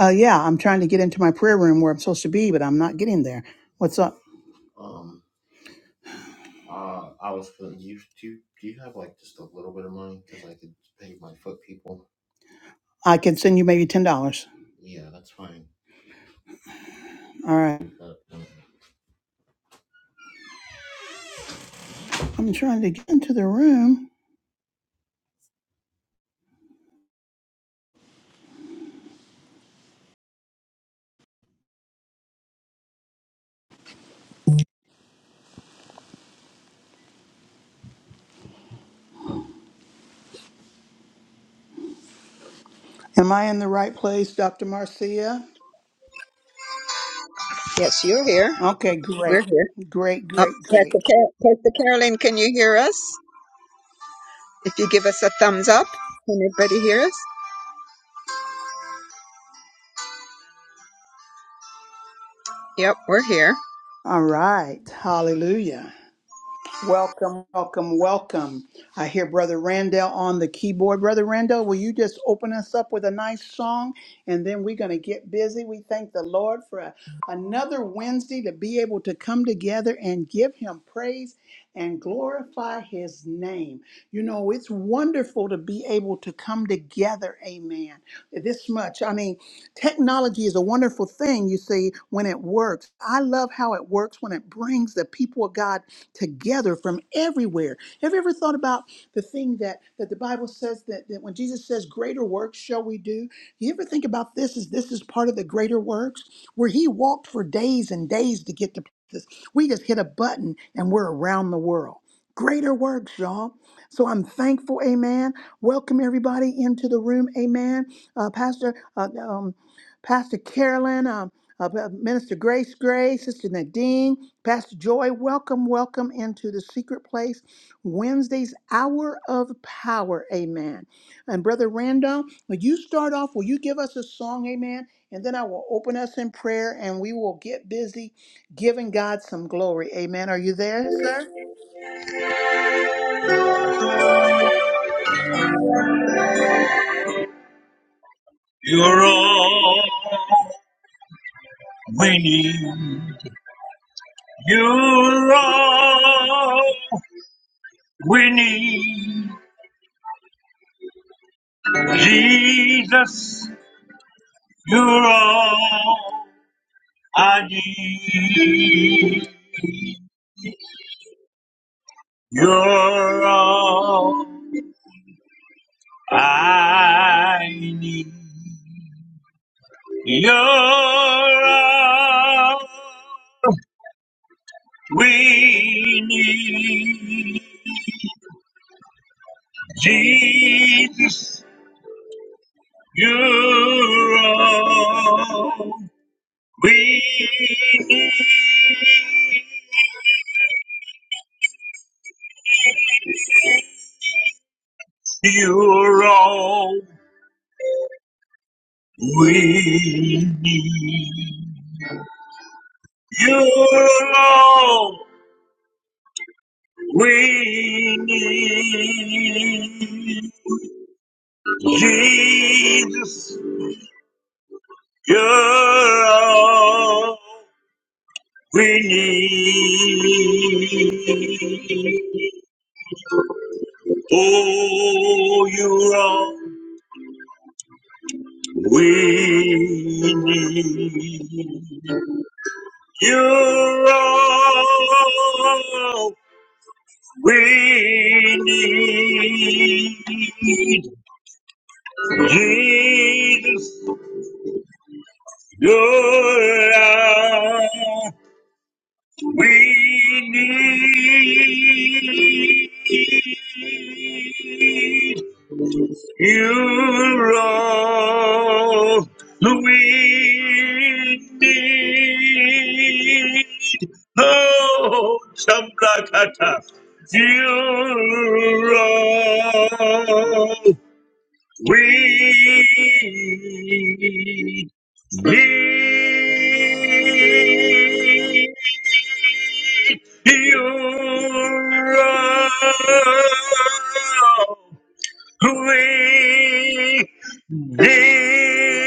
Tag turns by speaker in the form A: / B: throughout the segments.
A: Uh, yeah, I'm trying to get into my prayer room where I'm supposed to be, but I'm not getting there. What's up? I can send you maybe ten dollars. All right. I'm trying to get into the room. Am I in the right place, Dr. Marcia?
B: Yes, you're here.
A: Okay,
B: We're
A: great.
B: here.
A: Great,
B: Up,
A: great,
B: Pastor,
A: great.
B: Car- Pastor Carolyn, can you hear us? If you give us a thumbs up, can everybody hear us? Yep, we're here.
A: All right. Hallelujah. Welcome, welcome, welcome. I hear Brother Randall on the keyboard. Brother Randall, will you just open us up with a nice song and then we're going to get busy? We thank the Lord for a- another Wednesday to be able to come together and give Him praise and glorify His name. You know, it's wonderful to be able to come together, amen. This much. I mean, Technology is a wonderful thing, you see, when it works. I love how it works when it brings the people of God together from everywhere. Have you ever thought about the thing that, that the Bible says that, that when Jesus says, Greater works shall we do? You ever think about this? Is this is part of the greater works where he walked for days and days to get to places? We just hit a button and we're around the world. Greater works, y'all. So I'm thankful, amen. Welcome everybody into the room, amen. Uh, Pastor, uh, um, Pastor Carolyn, um, uh, Minister Grace Gray, Sister Nadine, Pastor Joy, welcome, welcome into the secret place. Wednesday's hour of power, amen. And Brother Randall, will you start off? Will you give us a song, amen? And then I will open us in prayer and we will get busy giving God some glory, amen. Are you there, sir?
B: You're all winning. You're all winning. Jesus, you're all I need. You're all I need. You're all we need. Jesus, You're all we need. You're all we need. You're all we need. Jesus, You're all we need. Oh, you're all we need. You're all we need. Jesus, you're all we need. You roll the wind. No, Sambrakata. You roll wind. Wind. You roll. Great day.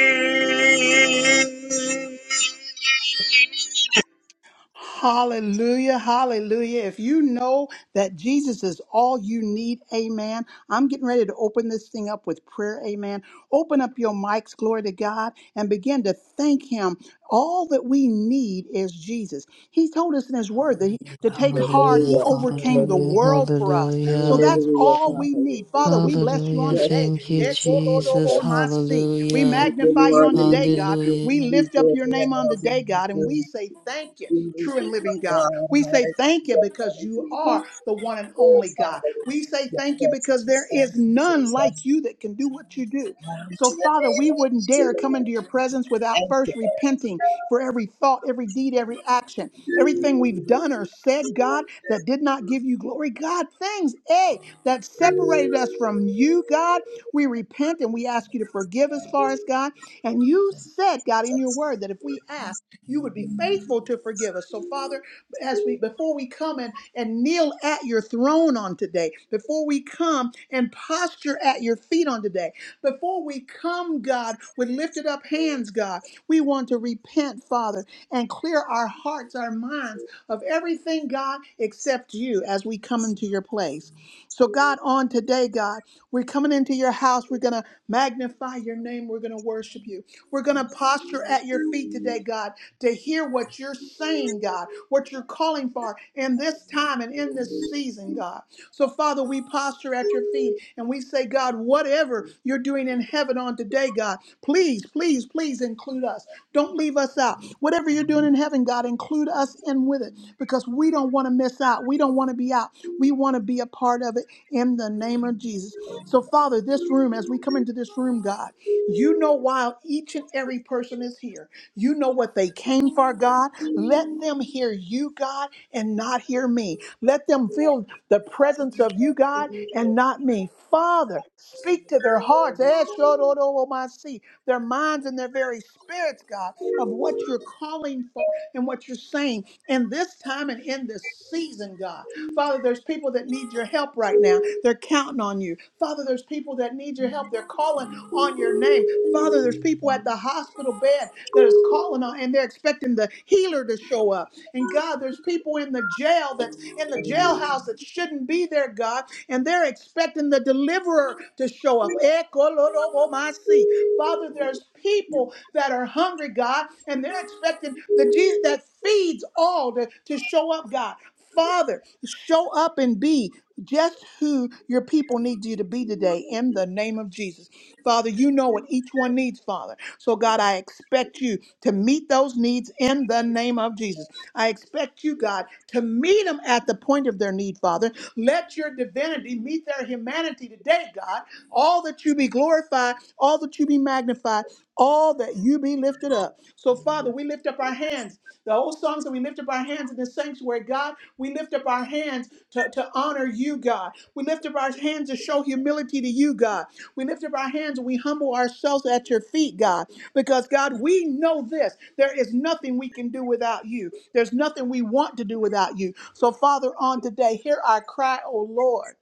A: Hallelujah, hallelujah. If you know that Jesus is all you need, amen. I'm getting ready to open this thing up with prayer, amen. Open up your mics, glory to God, and begin to thank Him. All that we need is Jesus. He told us in His Word that he, to take heart,
C: Hallelujah,
A: He overcame the
C: hallelujah,
A: world for us. So
C: hallelujah.
A: that's
B: Hallelujah,
A: all we
B: Father. We
A: need.
B: thank
A: Father,
B: you.
A: we bless you
C: Hallelujah.
A: on
B: Yes,
A: today.
C: Thank you,
B: we thank
C: Jesus.
B: you.
A: Ekolodobomasi. We
C: Hallelujah.
B: Thank you,
A: magnify you
B: Lord.
A: on
B: We
A: today,
B: need
A: God.
B: you.
C: Hallelujah.
B: We
A: We
B: need
A: lift
B: you
A: up your name
B: forever.
A: on
B: We
A: today, God,
B: need
A: and
B: you.
A: we say thank you.
B: We need
A: True
B: you,
A: and
B: my
A: living God.
B: God.
A: We say thank you
B: Hallelujah.
A: because you are
B: Hallelujah.
A: the one and
B: Oh,
A: only God.
B: Father, we
A: We
B: thank
A: say
B: you.
A: thank you
B: Yes,
A: because
B: we
A: there
B: thank
A: is
B: you,
A: none like
B: Jesus.
A: you that can do what you do. So,
B: Hallelujah.
A: Father, we wouldn't
B: Thank you,
A: dare come into your presence
B: Lord.
A: without
B: Thank
A: first
B: you,
A: repenting for every thought, every deed,
B: Lord.
A: every action, everything we've done or said, God, that did not give you glory. God, things, A, that separated us from you, God, we repent and we ask you to forgive us, for us, God. And you said, God, in your word that if we ask, you would be faithful to forgive us. So, Father, as we before we come and, and kneel at your throne on today, before we come and posture at your feet on today, before we come, God, with lifted up hands, God, we want to repent, Father, and clear our hearts, our minds of everything, God, except you as we come into your place. So, God, on today, God, we're coming into your house. We're going to magnify your name. We're going to worship you. We're going to posture at your feet today, God, to hear what you're saying, God, what you're calling for in this time and in this season, God. So, Father, we posture at your feet and we say, God, whatever you're doing in heaven on today, God, please, please, please include us. Don't leave us out. Whatever you're doing in heaven, God, include us in with it because we don't want to miss out. We don't want to be out. We want to be a part of it in the name of Jesus. So, Father, this room, as we come into this room, God. You know why each and every person is here. You know what they came for, God. Let them hear you, God, and not hear me. Let them feel the presence of you, God, and not me. Father, speak to their hearts, Eh, shodoromasi, their minds and their very spirits, God, of what you're calling for and what you're saying in this time and in this season, God. God. Father, there's people that need your help right now. They're counting on you. Father, there's people that need your help. They're calling on your name. Father, there's people at the hospital bed that is calling on and they're expecting the healer to show up. And God, there's people in the jail that's in the jailhouse that shouldn't be there, God, and they're expecting the deliverer to show up. Ekolorobomasi. Father, there's people that are hungry, God, and they're expecting the Jesus that feeds all to, to show up, God. Father, show up and be just who your people need you to be today in the name of Jesus. Father, you know what each one needs, Father. So, God, I expect you to meet those needs in the name of Jesus. I expect you, God, to meet them at the point of their need, Father. Let your divinity meet their humanity today, God. All that you be glorified, all that you be magnified, all that you be lifted up. So, Father, we lift up our hands. The old songs that we lift up our hands in the sanctuary, God. We lift up our hands to, to honor you, God. We lift up our hands to show humility to you, God. We lift up our hands and we humble ourselves at your feet, God. Because, God, we know this. There is nothing we can do without you, there's nothing we want to do without you. So, Father, on today, hear our cry, O Lord.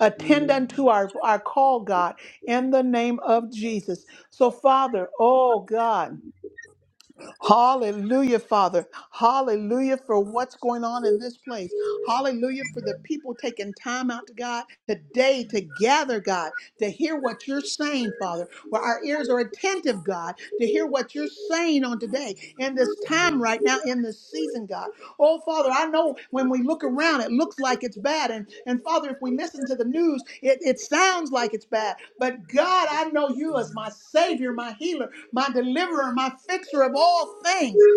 A: Attend unto our, our call, God, in the name of Jesus. So, Father, oh God. Hallelujah, Father. Hallelujah for what's going on in this place. Hallelujah for the people taking time out to God today to gather, God, to hear what you're saying, Father. Where our ears are attentive, God, to hear what you're saying on today in this time right now, in this season, God. Oh, Father, I know when we look around, it looks like it's bad. And, and Father, if we listen to the news, it, it sounds like it's bad. But God, I know you as my Savior, my healer my deliverer, my fixer of all things.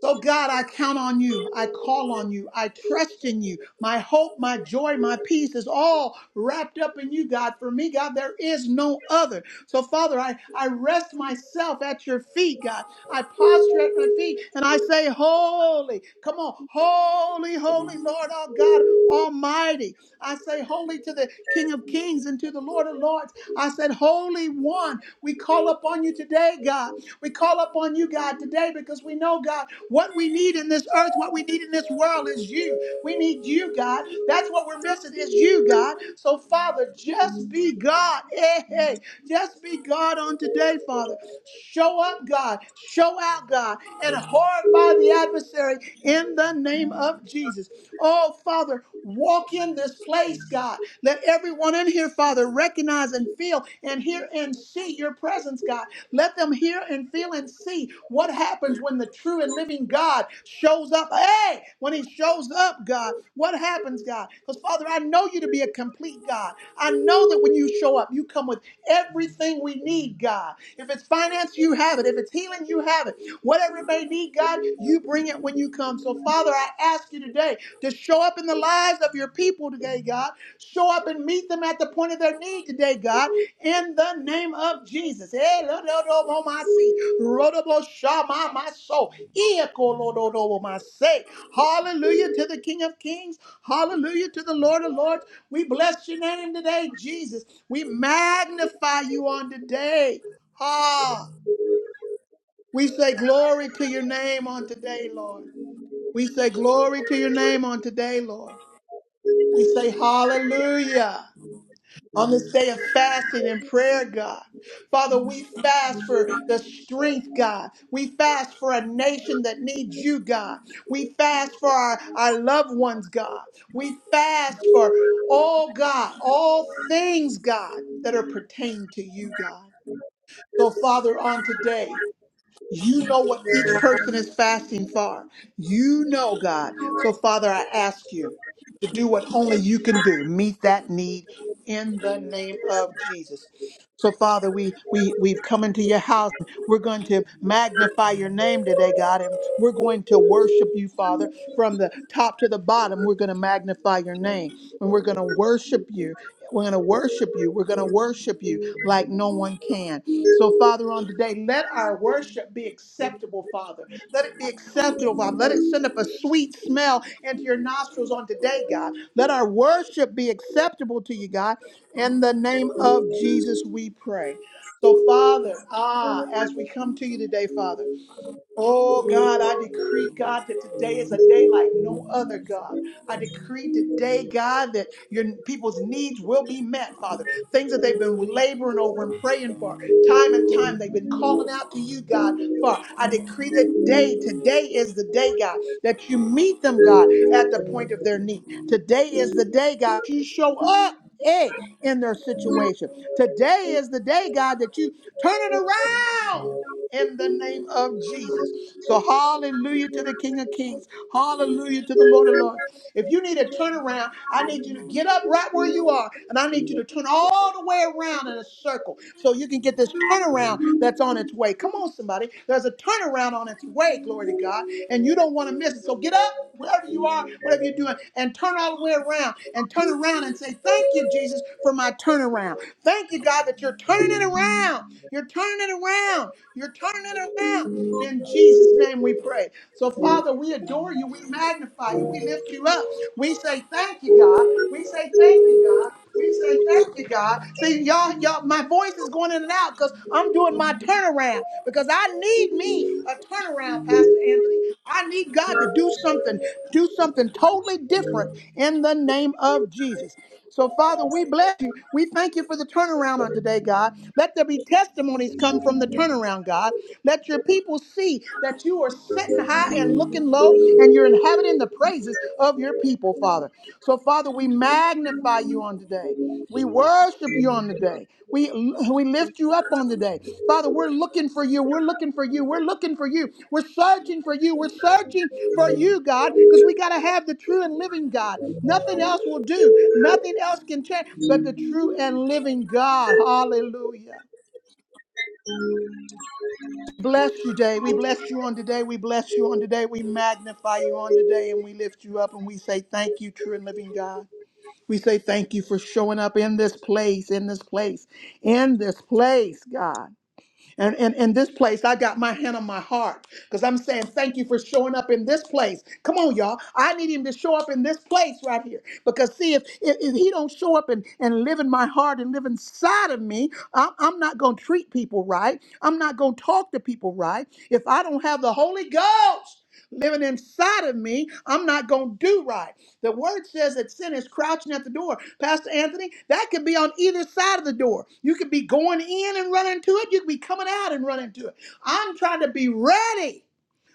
A: So, God, I count on you. I call on you. I trust in you. My hope, my joy, my peace is all wrapped up in you, God. For me, God, there is no other. So, Father, I, I rest myself at your feet, God. I posture at my feet and I say, Holy, come on, holy, holy Lord, oh God Almighty. I say, Holy to the King of Kings and to the Lord of Lords. I said, Holy One, we call upon you today, God. We call upon you, God, today because we know, God, what we need in this earth, what we need in this world is you. We need you, God. That's what we're missing is you, God. So, Father, just be God. Hey, hey, just be God on today, Father. Show up, God. Show out, God, and horrify the adversary in the name of Jesus. Oh, Father, walk in this place, God. Let everyone in here, Father, recognize and feel and hear and see your presence, God. Let them hear and feel and see what happens when the true and living God shows up. Hey, when he shows up, God, what happens, God? Because, Father, I know you to be a complete God. I know that when you show up, you come with everything we need, God. If it's finance, you have it. If it's healing, you have it. Whatever it may need, God, you bring it when you come. So, Father, I ask you today to show up in the lives of your people today, God. Show up and meet them at the point of their need today, God, in the name of Jesus. Eh, lo, lo, lo, lo, my see. Ro, lo, lo, sha, my my soul. Eh, ko, lo, lo, lo, my say. Hallelujah to the King of Kings. Hallelujah to the Lord of Lords. We bless your name today, Jesus. We magnify you on today. Ah, we say glory to your name on today, Lord. We say glory to your name on today, Lord. We say hallelujah on this day of fasting and prayer, God. Father, we fast for the strength, God. We fast for a nation that needs you, God. We fast for our, our loved ones, God. We fast for all, God, all things, God, that are pertaining to you, God. So, Father, on today, you know what each person is fasting for. You know, God. So, Father, I ask you to do what only you can do. Meet that need in the name of Jesus. So, Father, we, we, we've come into your house. We're going to magnify your name today, God, and we're going to worship you, Father, from the top to the bottom. We're going to magnify your name and we're going to worship you. We're going to worship you. We're going to worship you like no one can. So, Father, on today, let our worship be acceptable, Father. Let it be acceptable, Father. Let it send up a sweet smell into your nostrils on today, God. Let our worship be acceptable to you, God. In the name of Jesus, we pray. So, Father, ah, as we come to you today, Father. Oh God, I decree, God, that today is a day like no other, God. I decree today, God, that your people's needs will be met, Father. Things that they've been laboring over and praying for, time and time, they've been calling out to you, God, for. I decree that day, today is the day, God, that you meet them, God, at the point of their need. Today is the day, God, you show up. Hey, in their situation. Today is the day, God, that you turn it around in the name of Jesus. So, hallelujah to the King of Kings. Hallelujah to the Lord of Lords. If you need a turnaround, I need you to get up right where you are, and I need you to turn all the way around in a circle so you can get this turnaround that's on its way. Come on, somebody. There's a turnaround on its way, glory to God, and you don't want to miss it. So, get up. Wherever you are, whatever you're doing, and turn all the way around and turn around and say, Thank you, Jesus, for my turnaround. Thank you, God, that you're turning it around. You're turning it around. You're turning it around. In Jesus' name we pray. So, Father, we adore you. We magnify you. We lift you up. We say thank you, God. We say thank you, God. We say thank you, God. See, y'all, y'all, my voice is going in and out because I'm doing my turnaround because I need me a turnaround, Pastor Anthony. I need God to do something, do something totally different in the name of Jesus. So, Father, we bless you. We thank you for the turnaround on today, God. Let there be testimonies come from the turnaround, God. Let your people see that you are sitting high and looking low, and you're inhabiting the praises of your people, Father. So, Father, we magnify you on today. We worship you on the day. We we lift you up on the day. Father, we're looking for you. We're looking for you. We're looking for you. We're searching for you. We're searching for you, God, because we got to have the true and living God. Nothing else will do. Nothing else can change but the true and living God. Hallelujah. Bless you, day. We bless you on today. We bless you on today. We magnify you on today and we lift you up and we say thank you, true and living God. We say thank you for showing up in this place, in this place, in this place, God. And in this place, I got my hand on my heart because I'm saying thank you for showing up in this place. Come on, y'all. I need him to show up in this place right here because see, if if, if he don't show up and, and live in my heart and live inside of me, I'm, I'm not going to treat people right. I'm not going to talk to people right. If I don't have the Holy Ghost, living inside of me, I'm not going to do right. The word says that sin is crouching at the door. Pastor Anthony, that could be on either side of the door. You could be going in and running to it. You could be coming out and running to it. I'm trying to be ready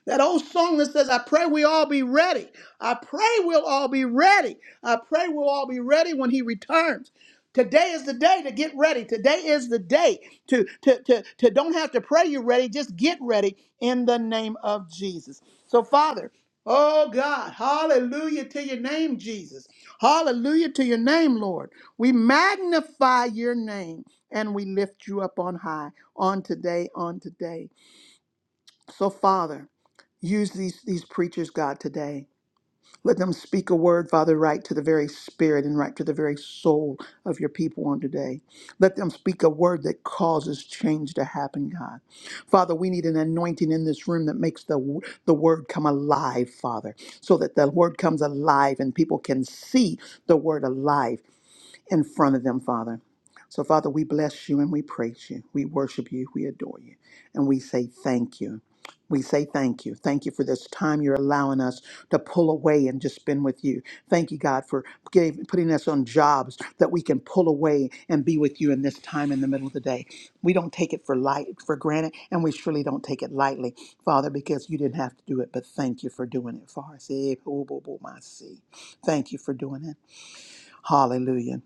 A: that old song that says, I pray we all be ready. I pray we'll all be ready. I pray we'll all be ready when he returns. Today is the day to get ready. Today is the day to, to, to, to don't have to pray you're ready. Just get ready in the name of Jesus. So, Father, oh God, hallelujah to your name, Jesus. Hallelujah to your name, Lord. We magnify your name and we lift you up on high on today, on today. So, Father, use these, these preachers, God, today. Let them speak a word, Father, right to the very spirit and right to the very soul of your people on today. Let them speak a word that causes change to happen, God. Father, we need an anointing in this room that makes the, the word come alive, Father, so that the word comes alive and people can see the word alive in front of them, Father. So, Father, we bless you and we praise you. We worship you. We adore you. And we say thank you. We say thank you. Thank you for this time you're allowing us to pull away and just spend with you. Thank you, God, for gave, putting us on jobs that we can pull away and be with you in this time in the middle of the day. We don't take it for light for granted, and we surely don't take it lightly, Father, because you didn't have to do it. But thank you for doing it for us. Eh, bo- bo- bo- my see. Thank you for doing it. Hallelujah.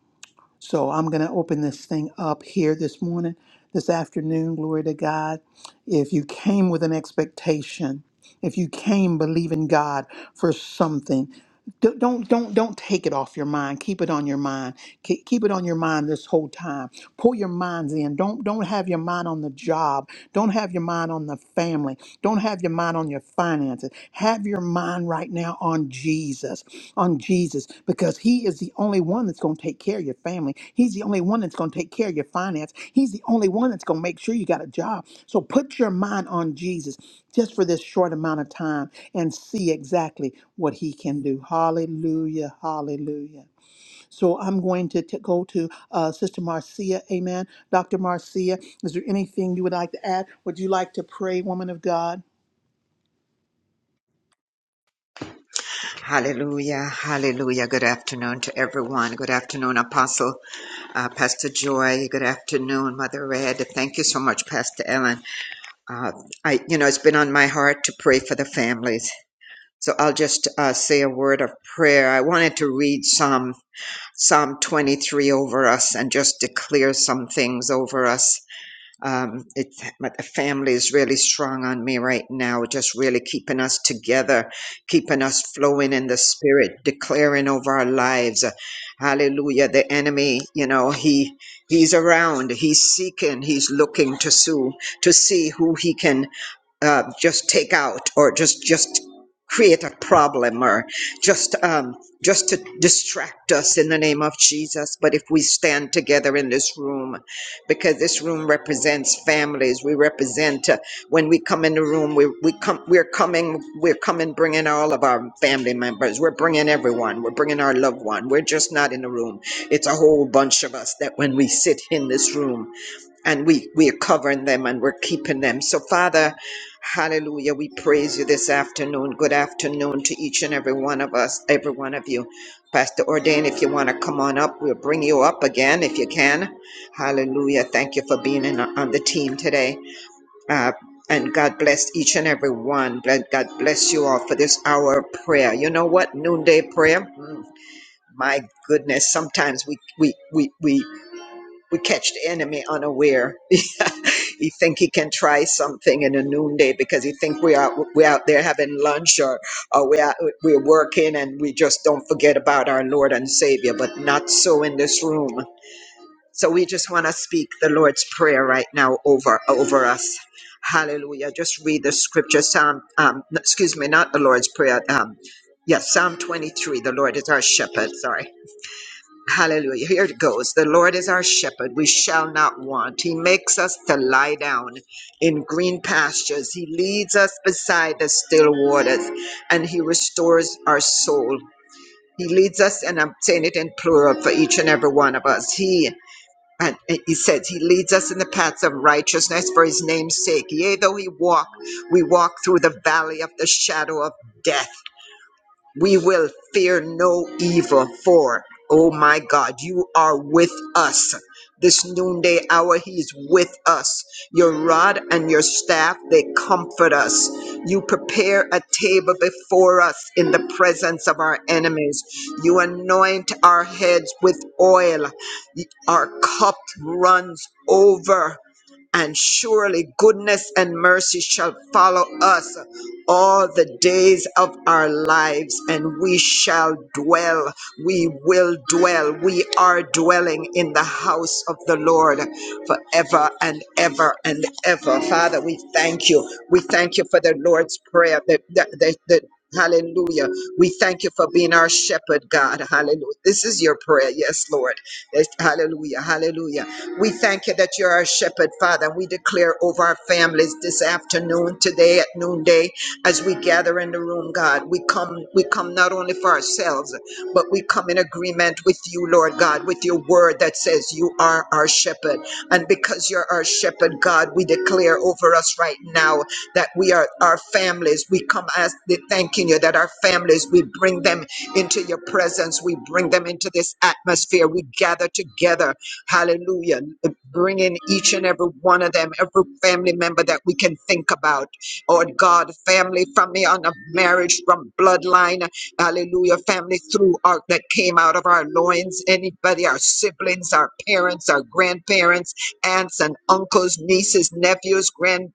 A: So I'm going to open this thing up here this morning, this afternoon. Glory to God. If you came with an expectation, if you came believing God for something, d- don't don't don't take it off your mind. Keep it on your mind. Ke- Keep it on your mind this whole time. Pull your minds in. Don't don't have your mind on the job. Don't have your mind on the family. Don't have your mind on your finances. Have your mind right now on Jesus on Jesus because he is the only one that's going to take care of your family. He's the only one that's going to take care of your finance. He's the only one that's going to make sure you got a job. So put your mind on Jesus just for this short amount of time and see exactly what he can do. Hallelujah. Hallelujah. So I'm going to t- go to uh, Sister Marcia. Amen. Dr. Marcia, is there anything you would like to add? Would you like to pray, woman of God?
B: Hallelujah, hallelujah. Good afternoon to everyone. Good afternoon, Apostle uh, Pastor Joy. Good afternoon, Mother Red. Thank you so much, Pastor Ellen. Uh, I, you know, it's been on my heart to pray for the families. So I'll just uh, say a word of prayer. I wanted to read Psalm Psalm 23 over us and just declare some things over us. Um, it, my family is really strong on me right now, just really keeping us together, keeping us flowing in the spirit, declaring over our lives. Hallelujah. The enemy, you know, he he's around, he's seeking, he's looking to sue, to see who he can uh, just take out or just just create a problem or just um, just to distract us in the name of Jesus. But if we stand together in this room, because this room represents families, we represent. Uh, when we come in the room, we we come we're coming we're coming bringing all of our family members. We're bringing everyone. We're bringing our loved one. We're just not in the room. It's a whole bunch of us that when we sit in this room and we we are covering them and we're keeping them. So Father, hallelujah, we praise you this afternoon. Good afternoon to each and every one of us, every one of you. Pastor Ordain, if you want to come on up, we'll bring you up again if you can. Hallelujah. Thank you for being in, on the team today. Uh, and God bless each and every one. Bless- God bless you all for this hour of prayer. You know what? Noonday prayer. Mm, my goodness. Sometimes we, we, we, we we catch the enemy unaware. he think he can try something in the noonday because he think we are we out there having lunch or or we are we're working and we just don't forget about our Lord and Savior. But not so in this room. So we just want to speak the Lord's prayer right now over over us. Hallelujah. Just read the scripture. Psalm, um, excuse me, not the Lord's prayer. Um, yes, Psalm 23. The Lord is our shepherd. Sorry. Hallelujah. Here it goes. The Lord is our shepherd. We shall not want. He makes us to lie down in green pastures. He leads us beside the still waters and he restores our soul. He leads us, and I'm saying it in plural for each and every one of us. He and he says he leads us in the paths of righteousness for his name's sake. Yea, though he walk, we walk through the valley of the shadow of death we will fear no evil, for, oh my God, you are with us. This noonday hour, He is with us. Your rod and your staff, they comfort us. You prepare a table before us in the presence of our enemies. You anoint our heads with oil. Our cup runs over and surely goodness and mercy shall follow us all the days of our lives, and we shall dwell, we will dwell, we are dwelling in the house of the Lord forever and ever and ever. Father, we thank you. We thank you for the Lord's Prayer. The, the, the, the, Hallelujah. We thank you for being our shepherd, God. Hallelujah. This is your prayer. Yes, Lord. Yes, Hallelujah. Hallelujah. We thank you that you're our shepherd, Father. We declare over our families this afternoon, today at noonday, as we gather in the room, God. We come, we come not only for ourselves, but we come in agreement with you, Lord God, with your word that says you are our shepherd. And because you're our shepherd, God, we declare over us right now that we are our families. We come as the thanking you that our families, we bring them into your presence. We bring them into this atmosphere. We gather together Hallelujah. Bring in each and every one of them, every family member that we can think about. Lord God, family from me on a marriage, from bloodline. Hallelujah. Family through our that came out of our loins. Anybody, our siblings, our parents, our grandparents, aunts and uncles, nieces, nephews, grand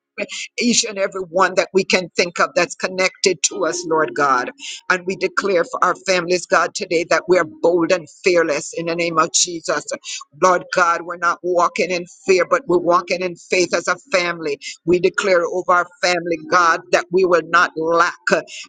B: each and every one that we can think of that's connected to us, Lord God. And we declare for our families, God, today that we are bold and fearless in the name of Jesus. Lord God, we're not walking in fear, but we're walking in faith as a family. We declare over our family, God, that we will not lack.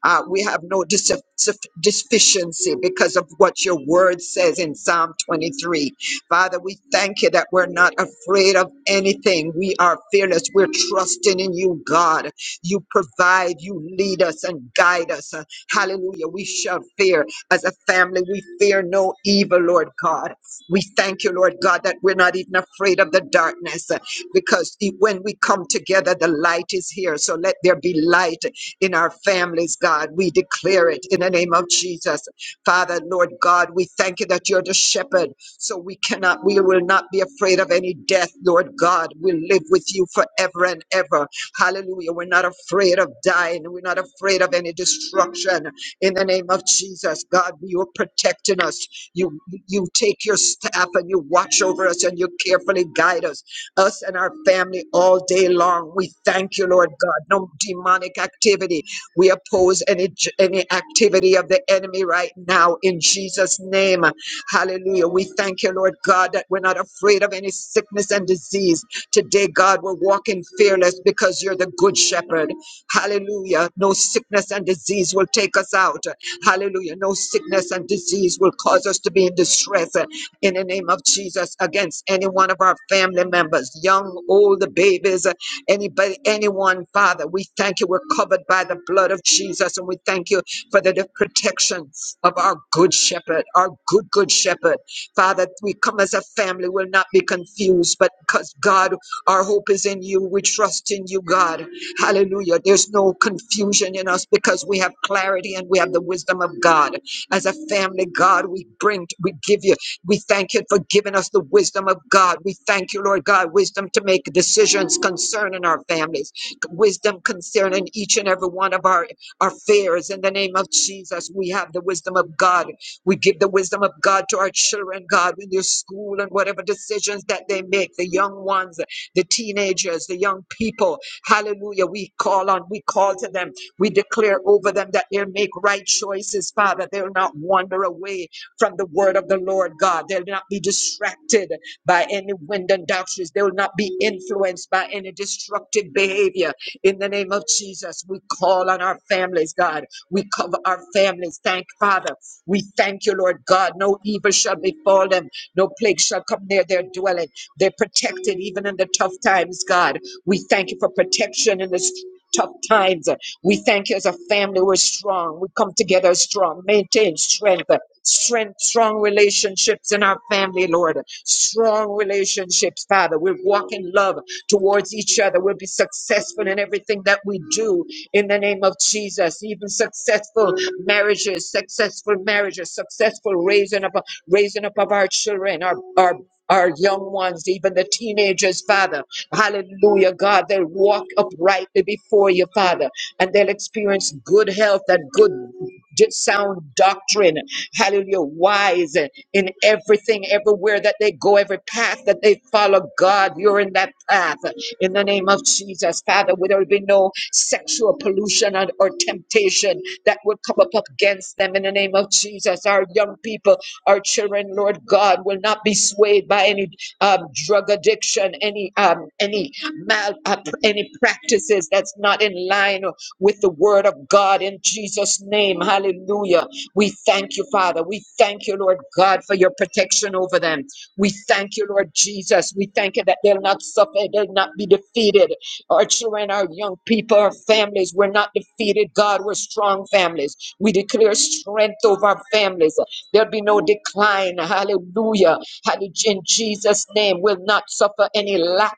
B: Uh, we have no dis- suf- deficiency because of what your word says in Psalm 23. Father, we thank you that we're not afraid of anything. We are fearless. We're trusting in you, God. You provide, you lead us and guide us. Uh, Hallelujah. We shall fear. As a family, we fear no evil, Lord God. We thank you, Lord God, that we're not even afraid of the darkness uh, because e- when we come together, the light is here. So let there be light in our families, God. We declare it in the name of Jesus. Father, Lord God, we thank you that you're the shepherd. So we cannot, we will not be afraid of any death, Lord God. We live with you forever and ever. Hallelujah. We're not afraid of dying. We're not afraid of any destruction. In the name of Jesus, God, you are protecting us. You you take your staff and you watch over us and you carefully guide us, us and our family all day long. We thank you, Lord God. No demonic activity. We oppose any any activity of the enemy right now in Jesus' name. Hallelujah. We thank you, Lord God, that we're not afraid of any sickness and disease. Today, God, we're walking fearless because you're the good shepherd. Hallelujah. No sickness and disease will take us out. Hallelujah. No sickness and disease will cause us to be in distress uh, in the name of Jesus against any one of our family members, young, old, the babies, uh, anybody, anyone, Father. We thank you. We're covered by the blood of Jesus, and we thank you for the, the protection of our good shepherd, our good, good shepherd. Father, we come as a family, will not be confused, but because God, our hope is in you. We trust in you, God. Hallelujah. There's no confusion in us because we have clarity and we have the wisdom of God. As a family, God, we bring, we give you, we thank you for giving us the wisdom of God. We thank you, Lord God, wisdom to make decisions concerning our families, wisdom concerning each and every one of our, our fears. In the name of Jesus, we have the wisdom of God. We give the wisdom of God to our children, God, in their school and whatever decisions that they make, the young ones, the teenagers, the young people. Hallelujah. We call on, we call to them. We declare over them that they'll make right choices, Father. They'll not wander away from the word of the Lord God. They'll not be distracted by any wind and doctrines. They will not be influenced by any destructive behavior. In the name of Jesus, we call on our families, God. We cover our families. Thank Father. We thank you, Lord God. No evil shall befall them. No plague shall come near their dwelling. They're protected even in the tough times, God. We thank you for protection in this tough times. We thank you as a family. We're strong. We come together strong. Maintain strength. Strength, strong relationships in our family, Lord. Strong relationships, Father. We'll walk in love towards each other. We'll be successful in everything that we do in the name of Jesus. Even successful marriages, successful marriages, successful raising up, raising up of our children, our, our our young ones, even the teenagers, Father. Hallelujah, God. They'll walk uprightly before you, Father, and they'll experience good health and good, good sound doctrine. Hallelujah, wise in everything, everywhere that they go, every path that they follow. God, you're in that path in the name of Jesus, Father. Where there will be no sexual pollution or, or temptation that would come up against them in the name of Jesus. Our young people, our children, Lord God, will not be swayed by any um, drug addiction, any um, any mal, uh, any practices that's not in line with the word of God in Jesus' name. Hallelujah. We thank you, Father. We thank you, Lord God, for your protection over them. We thank you, Lord Jesus. We thank you that they'll not suffer, they'll not be defeated. Our children, our young people, our families, we're not defeated. God, we're strong families. We declare strength over our families. There'll be no decline. Hallelujah. Hallelujah. In Jesus' name, will not suffer any lack.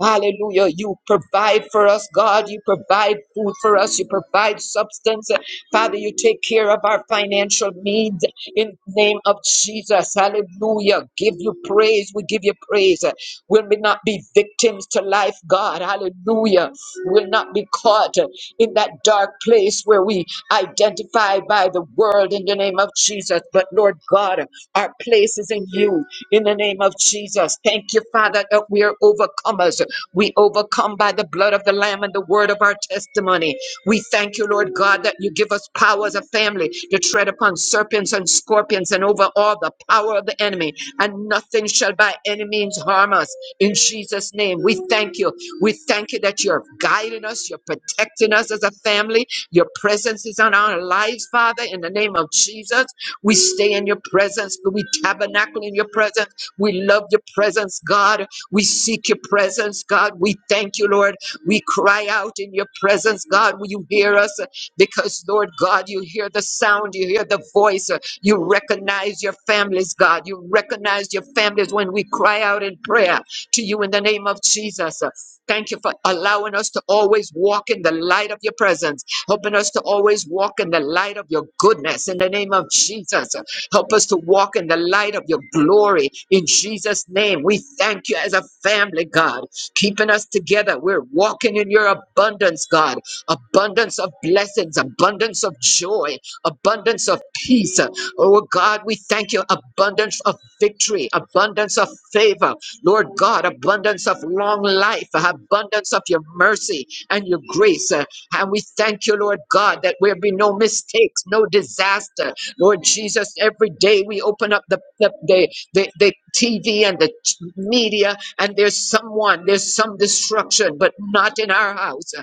B: Hallelujah. You provide for us, God. You provide food for us. You provide substance. Father, you take care of our financial needs in the name of Jesus. Hallelujah. Give you praise. We give you praise. Will we not be victims to life, God? Hallelujah. Will not be caught in that dark place where we identify by the world in the name of Jesus. But Lord God, our place is in you in the name of Jesus. Thank you, Father, that we are overcomers. We overcome by the blood of the Lamb and the word of our testimony. We thank you, Lord God, that you give us power as a family to tread upon serpents and scorpions and over all the power of the enemy, and nothing shall by any means harm us. In Jesus' name, we thank you. We thank you that you're guiding us, you're protecting us as a family. Your presence is on our lives, Father, in the name of Jesus. We stay in your presence. We tabernacle in your presence. We love your presence, God. We seek your presence, God. We thank you, Lord. We cry out in your presence, God. Will you hear us? Because, Lord God, you hear the sound, you hear the voice, you recognize your families, God. You recognize your families when we cry out in prayer to you in the name of Jesus. Thank you for allowing us to always walk in the light of your presence helping us to always walk in the light of your goodness in the name of Jesus. Help us to walk in the light of your glory in Jesus' name. We thank you as a family, God, keeping us together. We're walking in your abundance, God, abundance of blessings, abundance of joy, abundance of peace. Oh God, we thank you. Abundance of victory, abundance of favor. Lord God, abundance of long life, abundance of your mercy and your grace. Uh, And we thank you, Lord God, that there be no mistakes, no disaster. Lord Jesus, every day we open up the, the, the, the, the TV and the t- media, and there's someone, there's some destruction, but not in our house.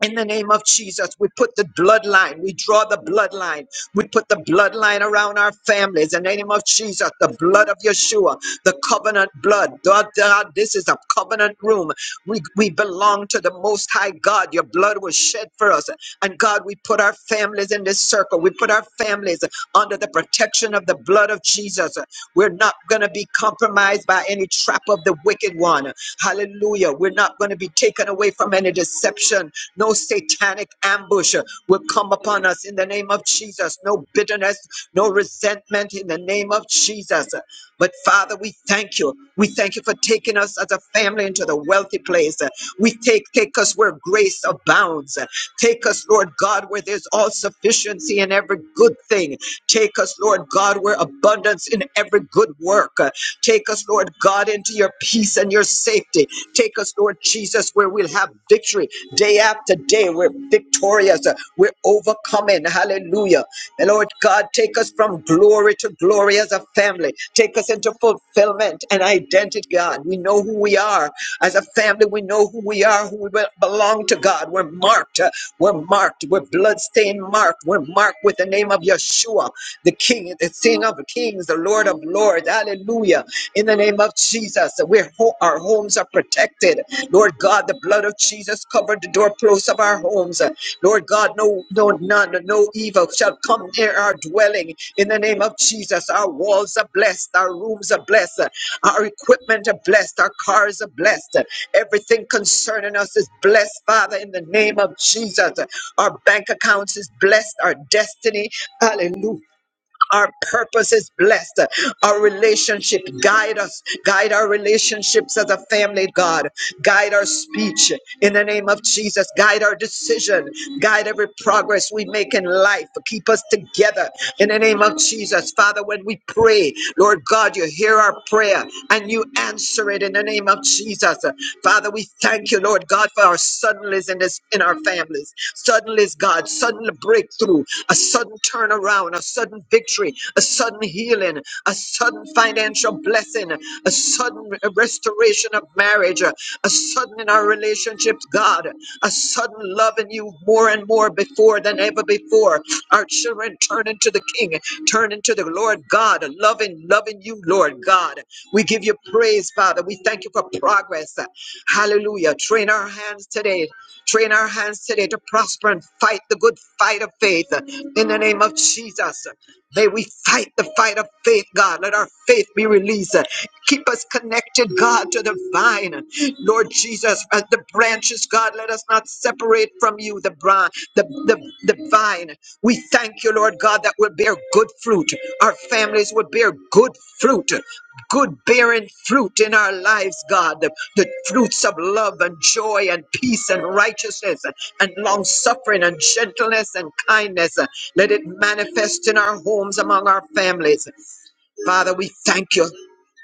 B: In the name of Jesus, we put the bloodline, we draw the bloodline, we put the bloodline around our families. In the name of Jesus, the blood of Yeshua, the covenant blood. God, God, this is a covenant room. We, we belong to the Most High God. Your blood was shed for us. And God, we put our families in this circle. We put our families under the protection of the blood of Jesus. We're not going to be compromised by any trap of the wicked one. Hallelujah. We're not going to be taken away from any deception no satanic ambush uh, will come upon us in the name of Jesus. No bitterness, no resentment in the name of Jesus. But Father, we thank you. We thank you for taking us as a family into the wealthy place. We take take us where grace abounds. Take us, Lord God, where there's all sufficiency in every good thing. Take us, Lord God, where abundance in every good work. Take us, Lord God, into your peace and your safety. Take us, Lord Jesus, where we'll have victory day after day. We're victorious. uh, We're overcoming. Hallelujah. And Lord God, take us from glory to glory as a family. Take us into fulfillment and identity, God. We know who we are. As a family, we know who we are, who we be- belong to, God. We're marked. uh, We're marked. We're bloodstained marked. We're marked with the name of Yeshua the King, the King of Kings, the Lord of Lords. Hallelujah. In the name of Jesus, where ho- our homes are protected. Lord God, the blood of Jesus covered the doorposts of our homes. Lord God, no, no, none, no evil shall come near our dwelling. In the name of Jesus, our walls are blessed, our rooms are blessed, our equipment are blessed, our cars are blessed. Everything concerning us is blessed, Father, in the name of Jesus. Our bank accounts is blessed, our destiny, hallelujah our purpose is blessed. Our relationship guide us, guide our relationships as a family, God. Guide our speech in the name of Jesus. Guide our decision. Guide every progress we make in life. Keep us together in the name of Jesus. Father. Father, when we pray, Lord God, you hear our prayer and you answer it in the name of Jesus. Father, we thank you, Lord God, for our suddenlies in this in our families. Suddenlies, God, sudden breakthrough, a sudden turnaround, a sudden victory, a sudden healing, a sudden financial blessing, a sudden restoration of marriage, a sudden in our relationships, God, a sudden love in you more and more before than ever before. Our children turn into the King. Turn into the Lord God, loving, loving you, Lord God. We give you praise, Father. We thank you for progress. Hallelujah. Train our hands today. Train our hands today to prosper and fight the good fight of faith in the name of Jesus. May we fight the fight of faith, God. Let our faith be released. Keep us connected, God, to the vine. Lord Jesus, as the branches, God, let us not separate from you, the, bra- the, the, the vine. We thank you, Lord God, that will bear good fruit. Our families will bear good fruit, good bearing fruit in our lives, God. The the fruits of love and joy and peace and righteousness and long suffering and gentleness and kindness. Let it manifest in our homes among our families. Father, we thank you.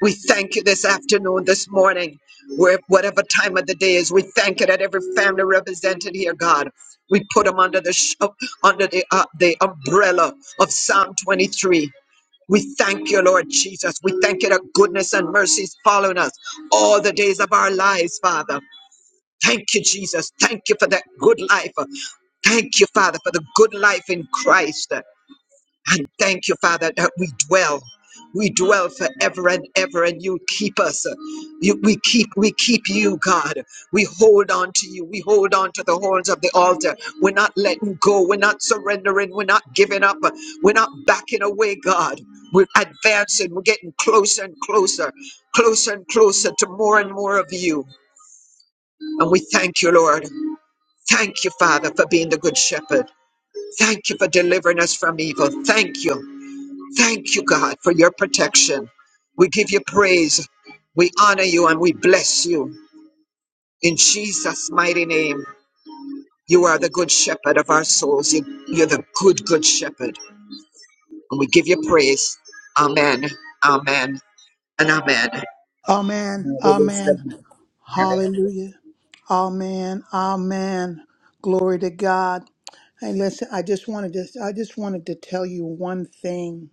B: We thank you this afternoon, this morning, where whatever time of the day is, we thank you that every family represented here, God. We put them under the sh- uh, under the uh, the umbrella of Psalm 23. We thank you, Lord Jesus. We thank you that goodness and mercy is following us all the days of our lives, Father. Thank you, Jesus. Thank you for that good life. Thank you, Father, for the good life in Christ. And thank you, Father, that we dwell. We dwell forever and ever, and you keep us. You, we keep, we keep you, God. We hold on to you. We hold on to the horns of the altar. We're not letting go. We're not surrendering. We're not giving up. We're not backing away, God. We're advancing. We're getting closer and closer, closer and closer to more and more of you. And we thank you, Lord. Thank you, Father, for being the good shepherd. Thank you for delivering us from evil. Thank you. Thank you, God, for your protection. We give you praise. We honor you and we bless you. In Jesus' mighty name, you are the good shepherd of our souls. You, you're the good, good shepherd. And we give you praise. Amen, amen, and amen. I
A: Amen.
B: release the
A: Amen.
B: mic.
A: Hallelujah. Amen. Amen. Glory to God. Hey, listen, I just wanted to I just wanted to tell you one thing.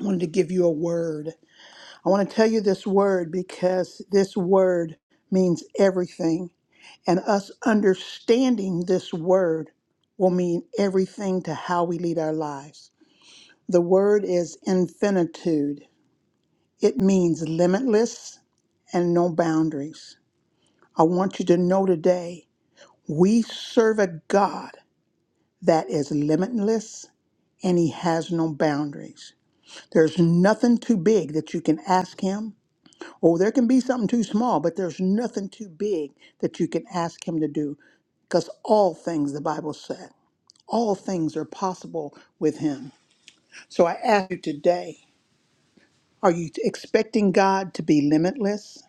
A: I wanted to give you a word. I want to tell you this word because this word means everything. And us understanding this word will mean everything to how we lead our lives. The word is infinitude. It means limitless and no boundaries. I want you to know today we serve a God that is limitless and he has no boundaries. There's nothing too big that you can ask him. Oh, there can be something too small, but there's nothing too big that you can ask him to do because all things, the Bible said, all things are possible with him. So I ask you today are you expecting God to be limitless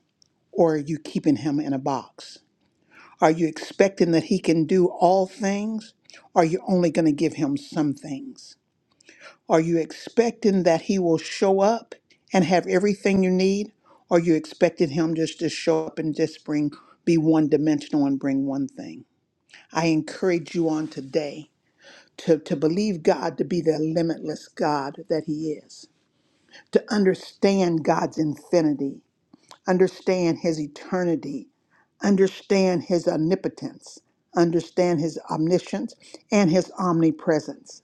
A: or are you keeping him in a box? Are you expecting that he can do all things? Or are you only going to give him some things? Are you expecting that he will show up and have everything you need? Or are you expecting him just to show up and just bring, be one dimensional and bring one thing? I encourage you on today to, to believe God to be the limitless God that he is, to understand God's infinity, understand his eternity, understand his omnipotence, understand his omniscience, and his omnipresence.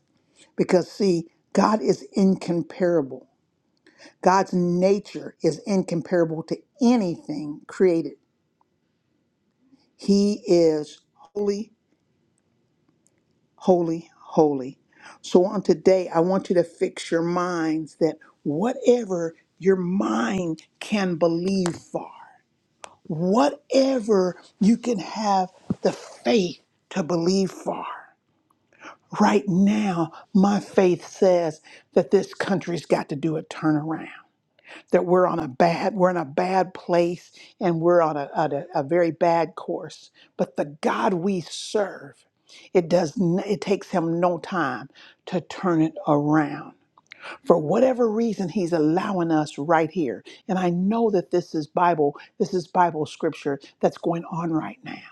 A: Because, see, God is incomparable. God's nature is incomparable to anything created. He is holy, holy, holy. So on today, I want you to fix your minds that whatever your mind can believe for, whatever you can have the faith to believe for. Right now, my faith says that this country's got to do a turnaround. that we're on a bad we're in a bad place and we're on a, on a, a very bad course but the god we serve it does n- it takes him no time to turn it around for whatever reason he's allowing us right here and i know that this is bible this is bible scripture that's going on right now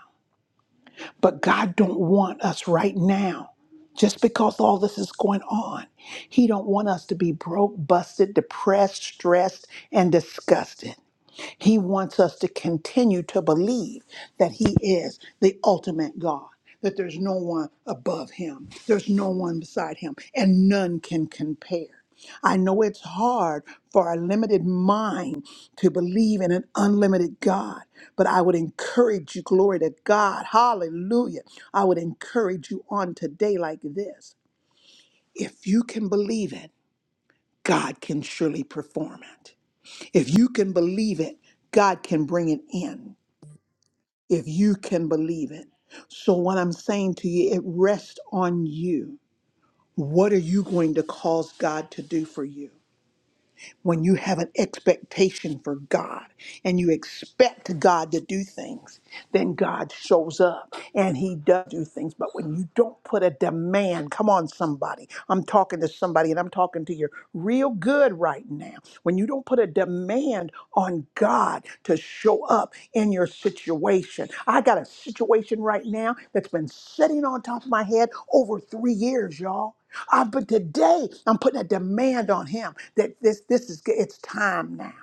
A: but god don't want us right now just because all this is going on he don't want us to be broke busted depressed stressed and disgusted he wants us to continue to believe that He is the ultimate God, that there's no one above Him, there's no one beside Him, and none can compare. I know it's hard for a limited mind to believe in an unlimited God, but I would encourage you, glory to God, hallelujah. I would encourage you on today like this. If you can believe it, God can surely perform it. If you can believe it, God can bring it in. If you can believe it. So, what I'm saying to you, it rests on you. What are you going to cause God to do for you? when you have an expectation for God and you expect God to do things, then God shows up and he does do things. But when you don't put a demand, come on, somebody, I'm talking to somebody and I'm talking to you real good right now. When you don't put a demand on God to show up in your situation, I got a situation right now that's been sitting on top of my head over three years, y'all. Uh, but today, I'm putting a demand on him that this this is it's time now.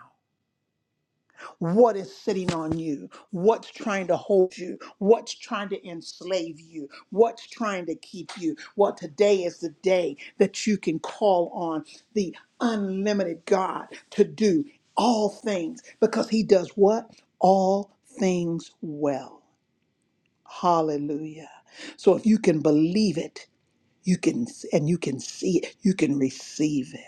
A: What is sitting on you? What's trying to hold you? What's trying to enslave you? What's trying to keep you? Well, today is the day that you can call on the unlimited God to do all things because he does what? All things well. Hallelujah. So if you can believe it, you can and you can see it. You can receive it.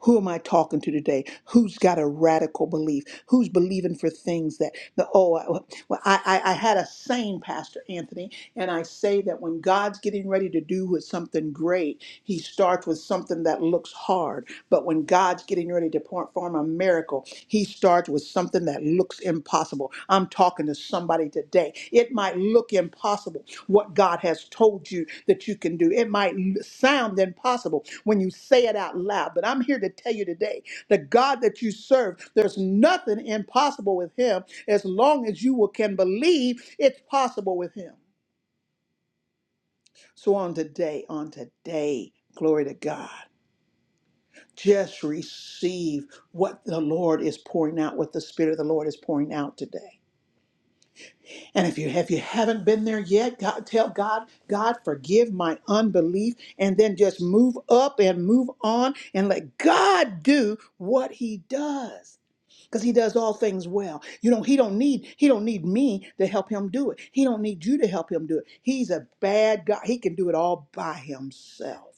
A: Who am I talking to today? Who's got a radical belief? Who's believing for things that the oh I, well well, I, I I had a saying, pastor Anthony, and I say that when God's getting ready to do with something great, He starts with something that looks hard. But when God's getting ready to perform a miracle, He starts with something that looks looks impossible. I'm talking to somebody today. It might look impossible what God has told you that you can do. It might l- sound impossible when you say it out loud, but I'm here to tell you today the God that you serve, there's nothing impossible with him as long as you will- can believe it's possible with him. So on today, on today, glory to God. Just receive what the Lord is pouring out, what the Spirit of the Lord is pouring out today. And if you if you haven't been there yet, God, tell God, God, forgive my unbelief, and then just move up and move on and let God do what He does because he does all things well you know he don't need he don't need me to help him do it he don't need you to help him do it he's a bad guy he can do it all by himself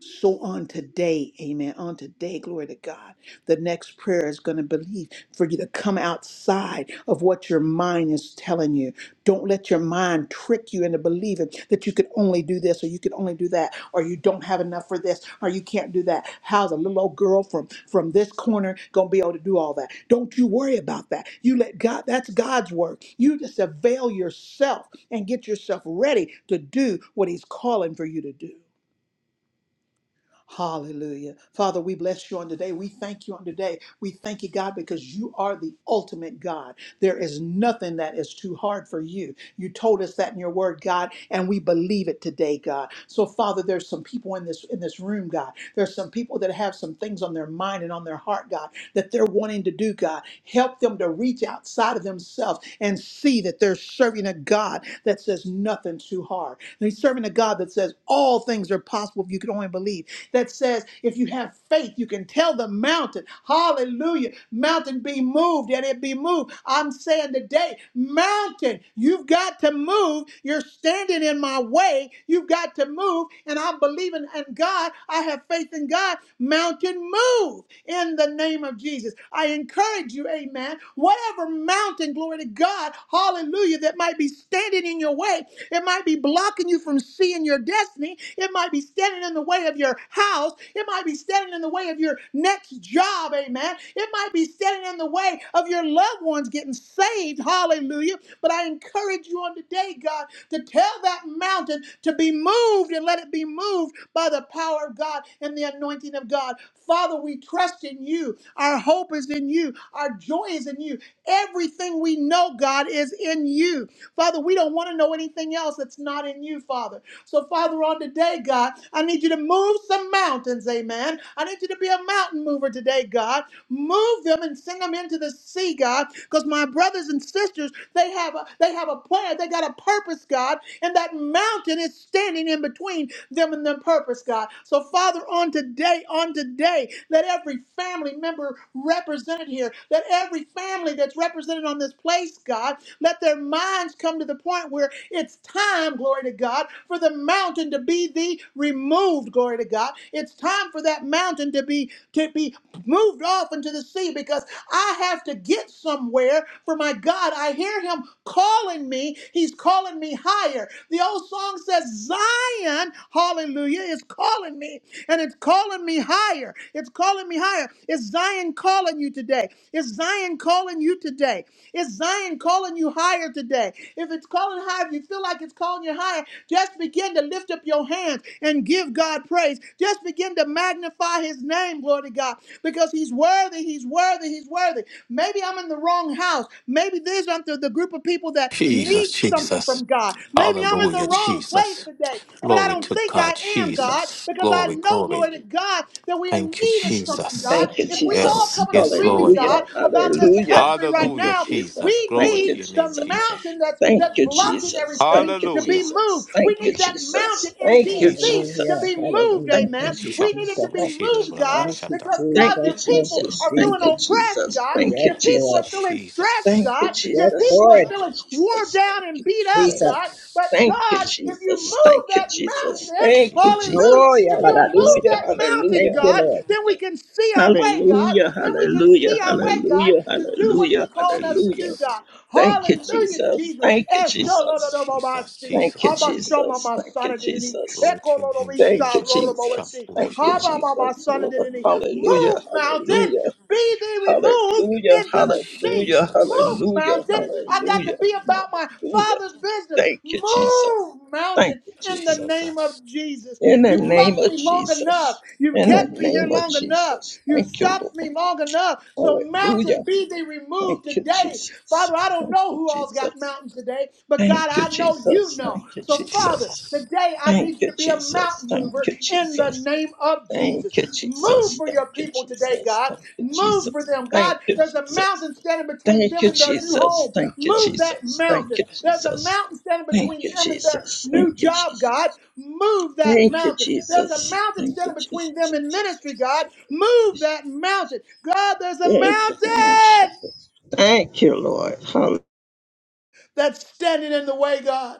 A: so on today, amen. On today, glory to God. The next prayer is going to believe for you to come outside of what your mind is telling you. Don't let your mind trick you into believing that you could only do this or you could only do that or you don't have enough for this or you can't do that. How's a little old girl from from this corner going to be able to do all that? Don't you worry about that. You let God, that's God's work. You just avail yourself and get yourself ready to do what he's calling for you to do. Hallelujah. Father, we bless you on today. We thank you on today. We thank you, God, because you are the ultimate God. There is nothing that is too hard for you. You told us that in your word, God, and we believe it today, God. So, Father, there's some people in this in this room, God. There's some people that have some things on their mind and on their heart, God, that they're wanting to do, God. Help them to reach outside of themselves and see that they're serving a God that says nothing too hard. They're serving a God that says all things are possible if you could only believe. That says if you if you have faith, you can tell the mountain, hallelujah, mountain be moved and it be moved. I'm saying today, mountain, you've got to move. You're standing in my way. You've got to move. And I'm believing in God. I have faith in God. Mountain, move in the name of Jesus. I encourage you, amen. Whatever mountain, glory to God, hallelujah, that might be standing in your way, it might be blocking you from seeing your destiny. It might be standing in the way of your house. It might be standing in the way of your next job. Amen. It might be standing in the way of your loved ones getting saved. Hallelujah. But I encourage you on today, God, to tell that mountain to be moved and let it be moved by the power of God and the anointing of God. Father, we trust in you. Our hope is in you. Our joy is in you. Everything we know, God, is in you. Father, we don't want to know anything else that's not in you, Father. So, Father, on today, God, I need you to move some mountains, amen. I need you to be a mountain mover today, God. Move them and send them into the sea, God, because my brothers and sisters, they have a they have a plan, they got a purpose, God, and that mountain is standing in between them and their purpose, God. So, Father, on today, on today, let every family member represented here, let every family that's represented on this place, God, let their minds come to the point where it's time, glory to God, for the mountain to be the removed, glory to God. It's time for that mountain to be to be moved off into the sea because I have to get somewhere for my God. I hear him calling me. He's calling me higher. The old song says Zion, hallelujah, is calling me and it's calling me higher. It's calling me higher. Is Zion calling you today? Is Zion calling you today? Is Zion calling you higher today? If it's calling higher, if you feel like it's calling you higher, just begin to lift up your hands and give God praise. Just begin to magnify his name, glory to God, because he's worthy, he's worthy, he's worthy. Maybe I'm in the wrong house. Maybe these aren't the, the group of people that
D: Jesus,
A: need something
D: Jesus.
A: from God. Maybe I'm in the
D: Hallelujah,
A: wrong place
D: Jesus.
A: today, but I
D: Glory
A: don't
D: to
A: think
D: God,
A: I am, God,
D: Jesus.
A: because I
D: Glory,
A: know,
D: glory.
A: glory to God, that we are in
D: Thank you,
A: need of something, God.
D: Jesus.
E: Thank you,
A: If we all
E: Jesus.
D: Yes,
A: come in
D: yes,
A: agreement,
D: Lord.
A: God,
E: Hallelujah.
A: about this
E: Hallelujah.
A: country right
E: Thank you,
D: Hallelujah,
A: now,
D: Jesus.
E: Jesus.
A: we
E: Thank
D: Glory
E: you,
A: need
D: to your
A: the
D: name,
E: Jesus.
D: Jesus.
A: mountain that's
E: Thank
A: that's
E: you,
A: blocking
E: Jesus. Thank
A: everything
E: you,
A: to be
D: Hallelujah,
E: Jesus.
A: moved. We
E: Thank you,
A: need that mountain
E: Jesus.
A: in
E: Thank you,
A: DC to
D: Jesus.
B: Hallelujah.
A: be
E: Jesus.
A: moved,
B: Hallelujah.
E: Thank you,
B: Thank
A: amen.
B: you,
D: Shato,
A: We need it to
E: Jesus.
A: be
B: Jesus.
E: Thank you,
D: Lushida, da,
A: moved
D: da, da, da,
A: God,
D: da,
B: Thank
E: Jesus.
B: you,
D: Shata.
A: because
E: Thank
A: God,
B: Jesus.
E: you,
A: your
B: Thank
A: people
B: you,
E: Jesus.
A: are feeling
E: Thank you,
B: Jesus.
A: oppressed,
E: Jesus.
A: God.
E: Thank
B: Yes,
E: you,
A: Your people
B: Lord.
A: are
E: Jesus.
A: feeling stressed,
E: Thank
D: Jesus,
E: you,
A: God. Your
B: Yes,
E: Jesus.
A: people are
B: Lord.
E: Thank you, Jesus. Thank you,
A: feeling worn
E: Jesus. Thank
A: down and
E: you,
A: beat up,
B: Jesus.
E: Jesus.
A: God. But
D: Jesus,
E: Thank you,
A: God, if you move that
E: Jesus.
A: mountain,
E: Thank you,
D: Jesus,
A: hallelujah,
B: No,
E: Jesus.
B: yeah,
A: if
B: but
A: you'll move
E: Hallelujah.
B: I-
A: that mountain,
E: Hallelujah.
B: Thank you,
A: God,
B: Lord.
A: then
E: Hallelujah.
A: we can see our way, God.
E: Hallelujah,
A: Then we can
E: hallelujah,
A: see our way, God,
E: hallelujah,
A: to do what
E: hallelujah,
A: you're calling us to
E: hallelujah.
A: do,
D: Jesus,
A: God.
E: Thank you,
A: Hallelujah,
E: Jesus. Thank you,
A: Jesus.
E: Jesus.
D: Jesus,
E: Thank you,
D: Jesus.
A: Abba Shama
E: Jesus. Thank you,
A: Masana Didini.
E: Jesus.
D: Glory
A: Eko
D: to your name,
E: Thank you,
A: Lorobisha
D: Jesus. Shato,
E: Jesus.
A: Loroboeshi.
E: Thank you,
A: Abba
D: Lushida,
A: Baba
E: Jesus,
A: Sana
E: Lord.
A: Didini.
E: Hallelujah,
A: Move mountain.
E: hallelujah,
A: Be thee removed
E: hallelujah,
A: into the sea.
E: hallelujah,
D: Jesus,
A: Move
E: hallelujah,
A: mountain. I got to
E: hallelujah,
A: be about my
E: hallelujah.
A: father's business.
E: Thank you,
A: Move
E: Jesus. Thank
A: mountain
E: you,
A: in the
E: Jesus.
A: name
D: Jesus,
A: of Jesus.
E: In the
A: You
E: name
A: blocked
E: of
A: me long enough.
E: Jesus.
A: You
E: In the
A: kept me here
E: name of
A: long enough.
E: Jesus.
A: You
E: Thank you,
A: stopped
E: Lord.
A: me long enough. So
E: Hallelujah.
A: mountain be thee removed
E: Thank you,
A: today.
E: Jesus.
A: Father, I don't
E: Thank
A: know
E: you,
A: who all's got
E: Jesus.
A: mountains today, but God,
E: Thank you,
A: I know you
E: Jesus.
A: know.
E: Thank you,
A: So,
D: it's
A: Father,
E: Jesus.
D: Jesus.
A: today I
E: Thank
A: need you
E: you,
A: to be a
E: Jesus.
A: mountain
E: Thank
A: mover
E: you,
A: in the
E: Jesus.
A: name of
E: Thank
A: Jesus.
E: you,
A: Move
E: Jesus.
A: for
E: Thank
A: your
E: you,
A: people today, God. Move for
E: Jesus.
A: them, God.
E: Thank you,
A: There's a
E: Jesus.
A: mountain standing between
E: Thank
A: them
E: you,
A: and their new
E: Jesus.
A: home.
E: Thank you,
A: Move that
E: Jesus. Thank
A: mountain.
E: you,
A: There's a
E: Jesus.
A: mountain standing
E: Thank
A: between
E: you,
A: them and their
E: Jesus.
A: new
E: Thank you,
A: job,
E: Jesus.
A: God. Move that
E: Thank you,
A: mountain. There's a
E: Jesus.
A: mountain
E: Thank you,
A: standing between
E: Jesus.
A: them and ministry, God. Move that mountain. God, there's a
E: Thank you,
A: mountain
E: Jesus. Thank you, Lord. Hallelujah.
A: that's standing in the way, God.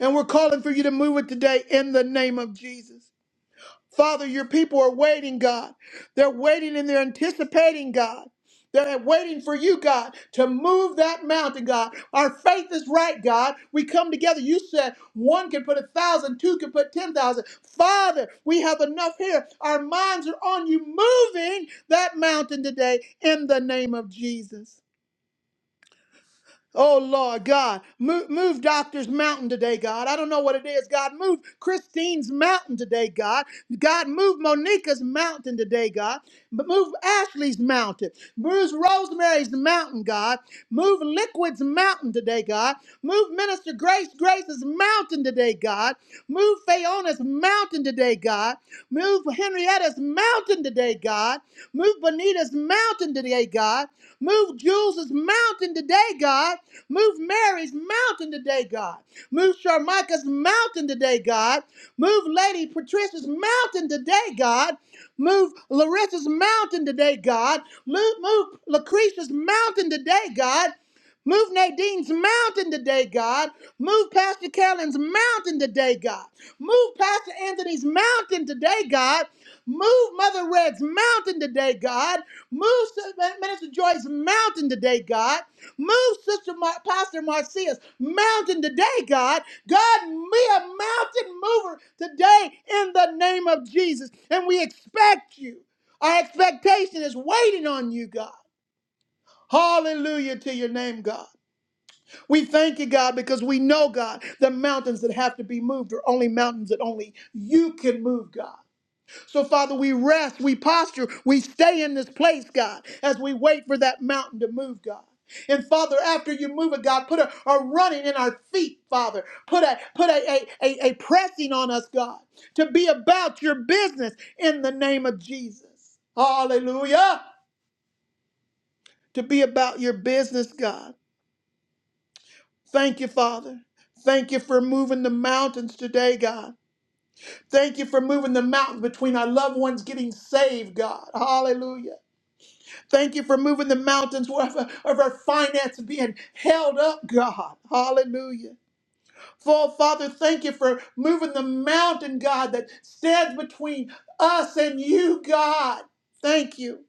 A: And we're calling for you to move it today in the name of Jesus. Father, your people are waiting, God. They're waiting and they're anticipating, God. They're waiting for you, God, to move that mountain, God. Our faith is right, God. We come together. You said one can put a thousand, two can put ten thousand. Father, we have enough here. Our minds are on you moving that mountain today in the name of Jesus. Oh Lord God, move, move Doctor's Mountain today, God. I don't know what it is, God. Move Christine's Mountain today, God. God, move Monica's Mountain today, God. But Move Ashley's Mountain. Move Rosemary's Mountain, God. Move Liquid's mountain today, God. Move Minister Grace Grace's mountain today, God. Move Fayona's mountain today, God. Move Henrietta's mountain today, God. Move Bonita's mountain today, God. Move Jules's mountain today, God. Move Mary's mountain today, God. Move Sharmika's mountain today, God. Move Lady Patricia's mountain today, God. Move Larissa's mountain today, God. Move, move Lucretia's mountain today, God. Move Nadine's mountain today, God. Move Pastor Kellen's mountain today, God. Move Pastor Anthony's mountain today, God. Move Mother Red's mountain today, God. Move Sis- Minister Joy's mountain today, God. Move Sister Mar- Pastor Marcia's mountain today, God. God, be a mountain mover today in the name of Jesus. And we expect you. Our expectation is waiting on you, God. Hallelujah to your name, God. We thank you, God, because we know, God, the mountains that have to be moved are only mountains that only you can move, God. So, Father, we rest, we posture, we stay in this place, God, as we wait for that mountain to move, God. And Father, after you move it, God, put a, a running in our feet, Father. Put a put a, a, a, a pressing on us, God, to be about your business in the name of Jesus. Hallelujah. To be about your business, God. Thank you, Father. Thank you for moving the mountains today, God. Thank you for moving the mountain between our loved ones getting saved, God. Hallelujah. Thank you for moving the mountains of, our of our finances being held up, God. Hallelujah. For Father, thank you for moving the mountain, God, that stands between us and you, God. Thank you.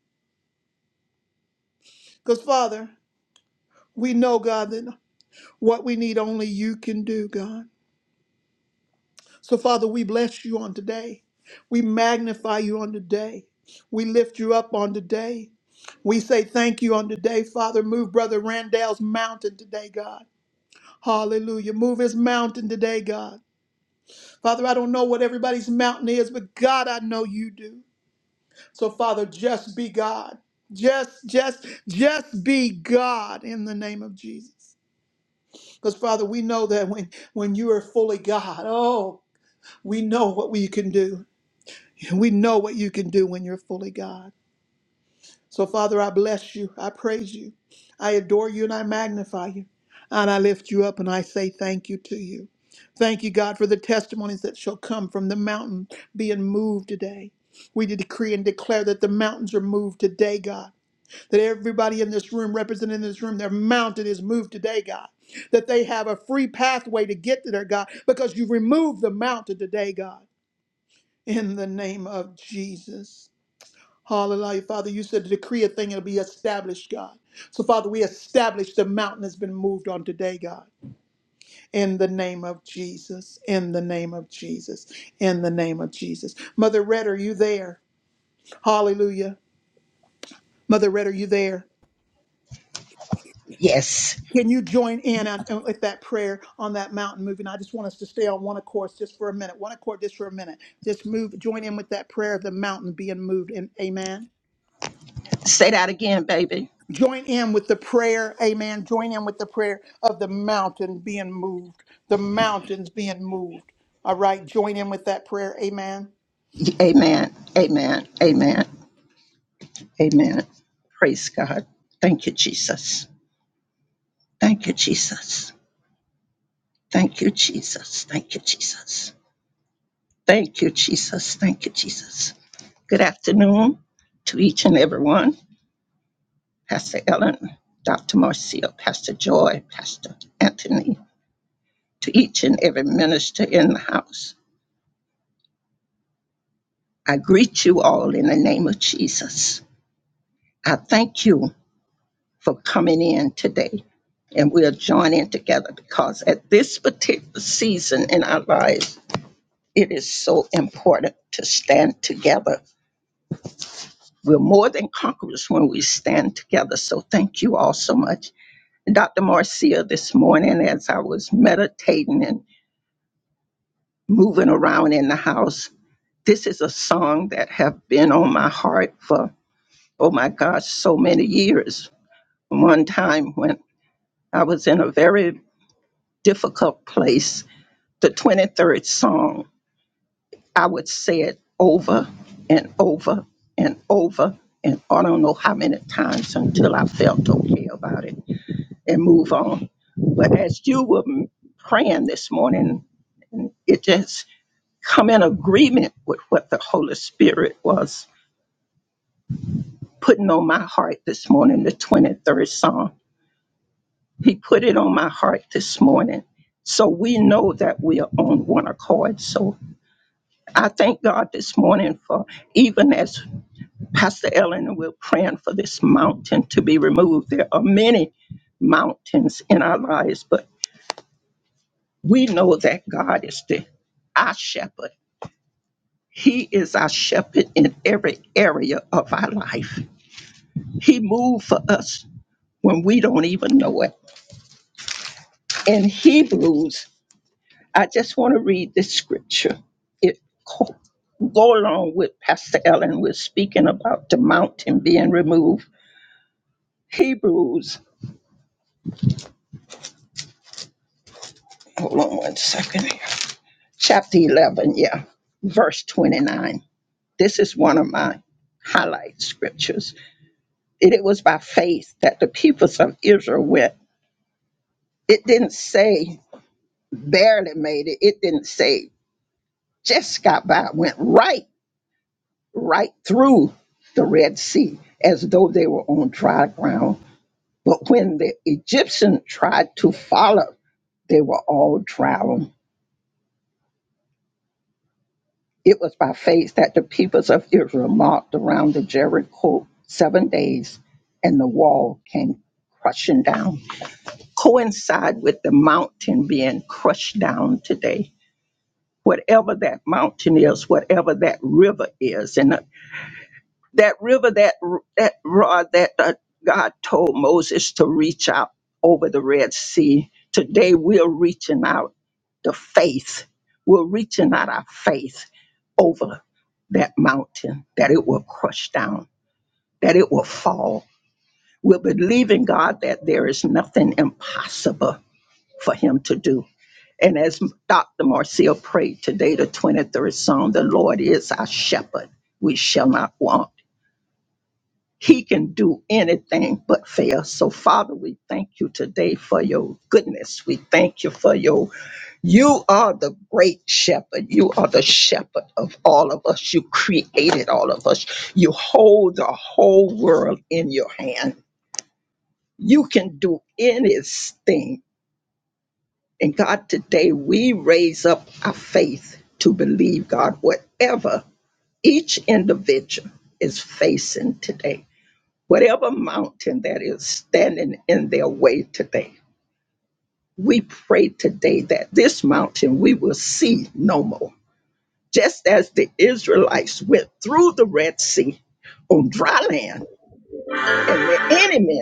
A: Because, Father, we know, God, that what we need only you can do, God. So, Father, we bless you on today. We magnify you on today. We lift you up on today. We say thank you on today, Father. Move Brother Randall's mountain today, God. Hallelujah. Move his mountain today, God. Father, I don't know what everybody's mountain is, but God, I know you do. So, Father, just be God. Just, just, just be God in the name of Jesus. Because, Father, we know that when, when you are fully God, oh, we know what we can do. We know what you can do when you're fully God. So, Father, I bless you. I praise you. I adore you and I magnify you. And I lift you up and I say thank you to you. Thank you, God, for the testimonies that shall come from the mountain being moved today. We decree and declare that the mountains are moved today, God. That everybody in this room, represented in this room, their mountain is moved today, God. That they have a free pathway to get to their God because you removed the mountain today, God. In the name of Jesus. Hallelujah. Father, you said to decree a thing, it'll be established, God. So, Father, we establish the mountain has been moved on today, God. In the name of Jesus. In the name of Jesus. In the name of Jesus. Mother Red, are you there? Hallelujah. Mother Red, are you there? Can you join in on- on- with that prayer on that mountain moving? I just want us to stay on one accord just for a minute. One accord just for a minute. Just move, join in with that prayer of the mountain being moved. And amen.
E: Say that again, baby.
A: Join in with the prayer, amen. Join in with the prayer of the mountain being moved, the mountains being moved. All right, join in with that prayer, amen.
E: Amen. Amen. Amen. Amen. Praise God. Thank you, Jesus. Thank you, Jesus. Thank you, Jesus. Thank you, Jesus. Thank you, Jesus. Thank you, Jesus. Good afternoon to each and every one. Pastor Ellen, Dr. Marcia, Pastor Joy, Pastor Anthony, to each and every minister in the house. I greet you all in the name of Jesus. I thank you for coming in today. And we are joining together because at this particular season in our lives, it is so important to stand together. We're more than conquerors when we stand together. So thank you all so much. Dr. Marcia, this morning, as I was meditating and moving around in the house, this is a song that have been on my heart for, oh my gosh, so many years. One time when I was in a very difficult place the 23rd song, I would say it over and over and over. And I don't know how many times until I felt okay about it and move on. But as you were m- praying this morning, it just come in agreement with what the Holy Spirit was putting on my heart this morning, the 23rd Psalm. He put it on my heart this morning. So we know that we are on one accord. So I thank God this morning for even as Pastor Ellen and we're praying for this mountain to be removed. There are many mountains in our lives, but we know that God is the our shepherd. He is our shepherd in every area of our life. He moved for us when we don't even know it. In Hebrews, I just want to read this scripture. It co- go along with Pastor Ellen. We're speaking about the mountain being removed. Hebrews, hold on one second, here. chapter 11, yeah, verse 29. This is one of my highlight scriptures. It, it was by faith that the peoples of Israel went. It didn't say barely made it, it didn't say just got by, It went right, right through the Red Sea as though they were on dry ground. But when the Egyptian tried to follow, they were all drowned It was by faith that the peoples of Israel marched around the Jericho seven days, and the wall came crushing down. Coincide with the mountain being crushed down today. Whatever that mountain is, whatever that river is, and that river that r- that rod that uh, God told Moses to reach out over the Red Sea. Today we're reaching out the faith. We're reaching out our faith over that mountain that it will crush down, that it will fall. We're believing God that there is nothing impossible for Him to do. And as Dr. Marcia prayed today, the 23rd Psalm, the Lord is our shepherd. We shall not want. He can do anything but fail. So, Father, we thank you today for your goodness. We thank you for your you are the great shepherd. You are the shepherd of all of us. You created all of us. You hold the whole world in your hand. You can do anything. And God, today we raise up our faith to believe, God, whatever each individual is facing today whatever mountain that is standing in their way today. We pray today that this mountain we will see no more. Just as the Israelites went through the Red Sea on dry land and the enemy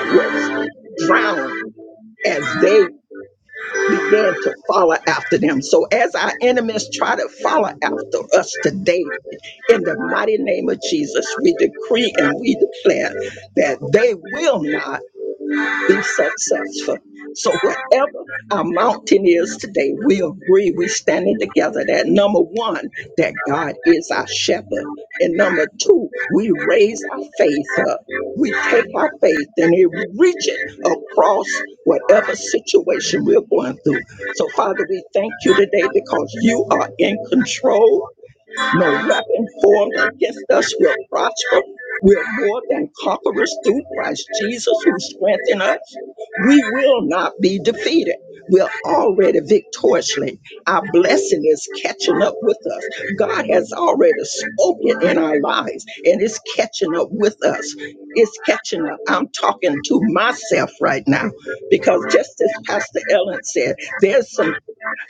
E: was drowned as they began to follow after them. So as our enemies try to follow after us today, in the mighty name of Jesus, we decree and we declare that they will not be successful. So whatever our mountain is today, we agree we standing together that number one, that God is our shepherd. And number two, we raise our faith up. We take our faith and it reach it across whatever situation we're going through. So Father, we thank you today because you are in control no weapon formed against us will prosper. We're more than conquerors through Christ Jesus who strengthened us. We will not be defeated. We're already victoriously. Our blessing is catching up with us. God has already spoken in our lives and it's catching up with us. It's catching up. I'm talking to myself right now because just as Pastor Ellen said, there's some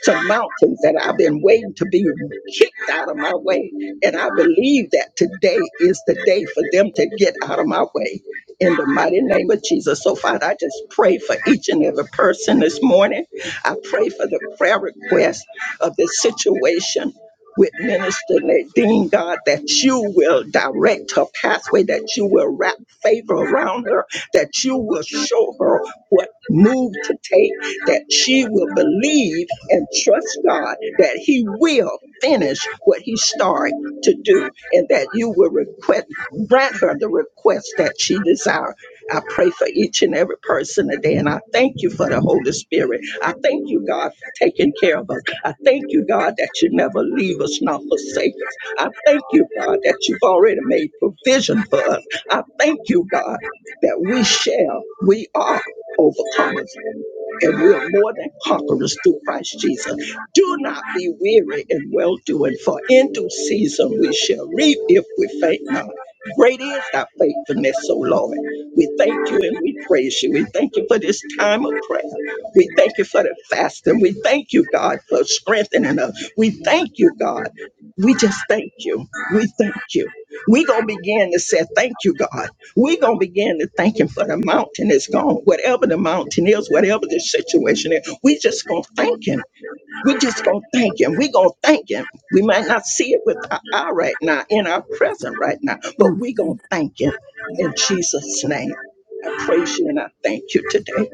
E: some mountains that I've been waiting to be kicked out of my way. And I believe that today is the day for them to get out of my way in the mighty name of Jesus. So, Father, I just pray for each and every person this morning. I pray for the prayer request of this situation. With Minister Nadine, God, that you will direct her pathway, that you will wrap favor around her, that you will show her what move to take, that she will believe and trust God that He will finish what He started to do and that you will request, grant her the request that she desires. I pray for each and every person today, and I thank you for the Holy Spirit. I thank you, God, for taking care of us. I thank you, God, that you never leave us nor forsake us. I thank you, God, that you've already made provision for us. I thank you, God, that we shall, we are overcomers and we are more than conquerors through Christ Jesus. Do not be weary in well doing, for in due season we shall reap if we faint not. Great is thy faithfulness, O Lord. We thank you and we praise you. We thank you for this time of prayer. We thank you for the fasting. We thank you, God, for strengthening us. We thank you, God. We just thank you. We thank you. We're going to begin to say, Thank you, God. We're going to begin to thank Him for the mountain is gone, whatever the mountain is, whatever the situation is. we just going to thank Him. we just going to thank Him. we going to thank Him. We might not see it with our eye right now, in our present right now, but we going to thank Him in Jesus' name. I praise you and I thank you today.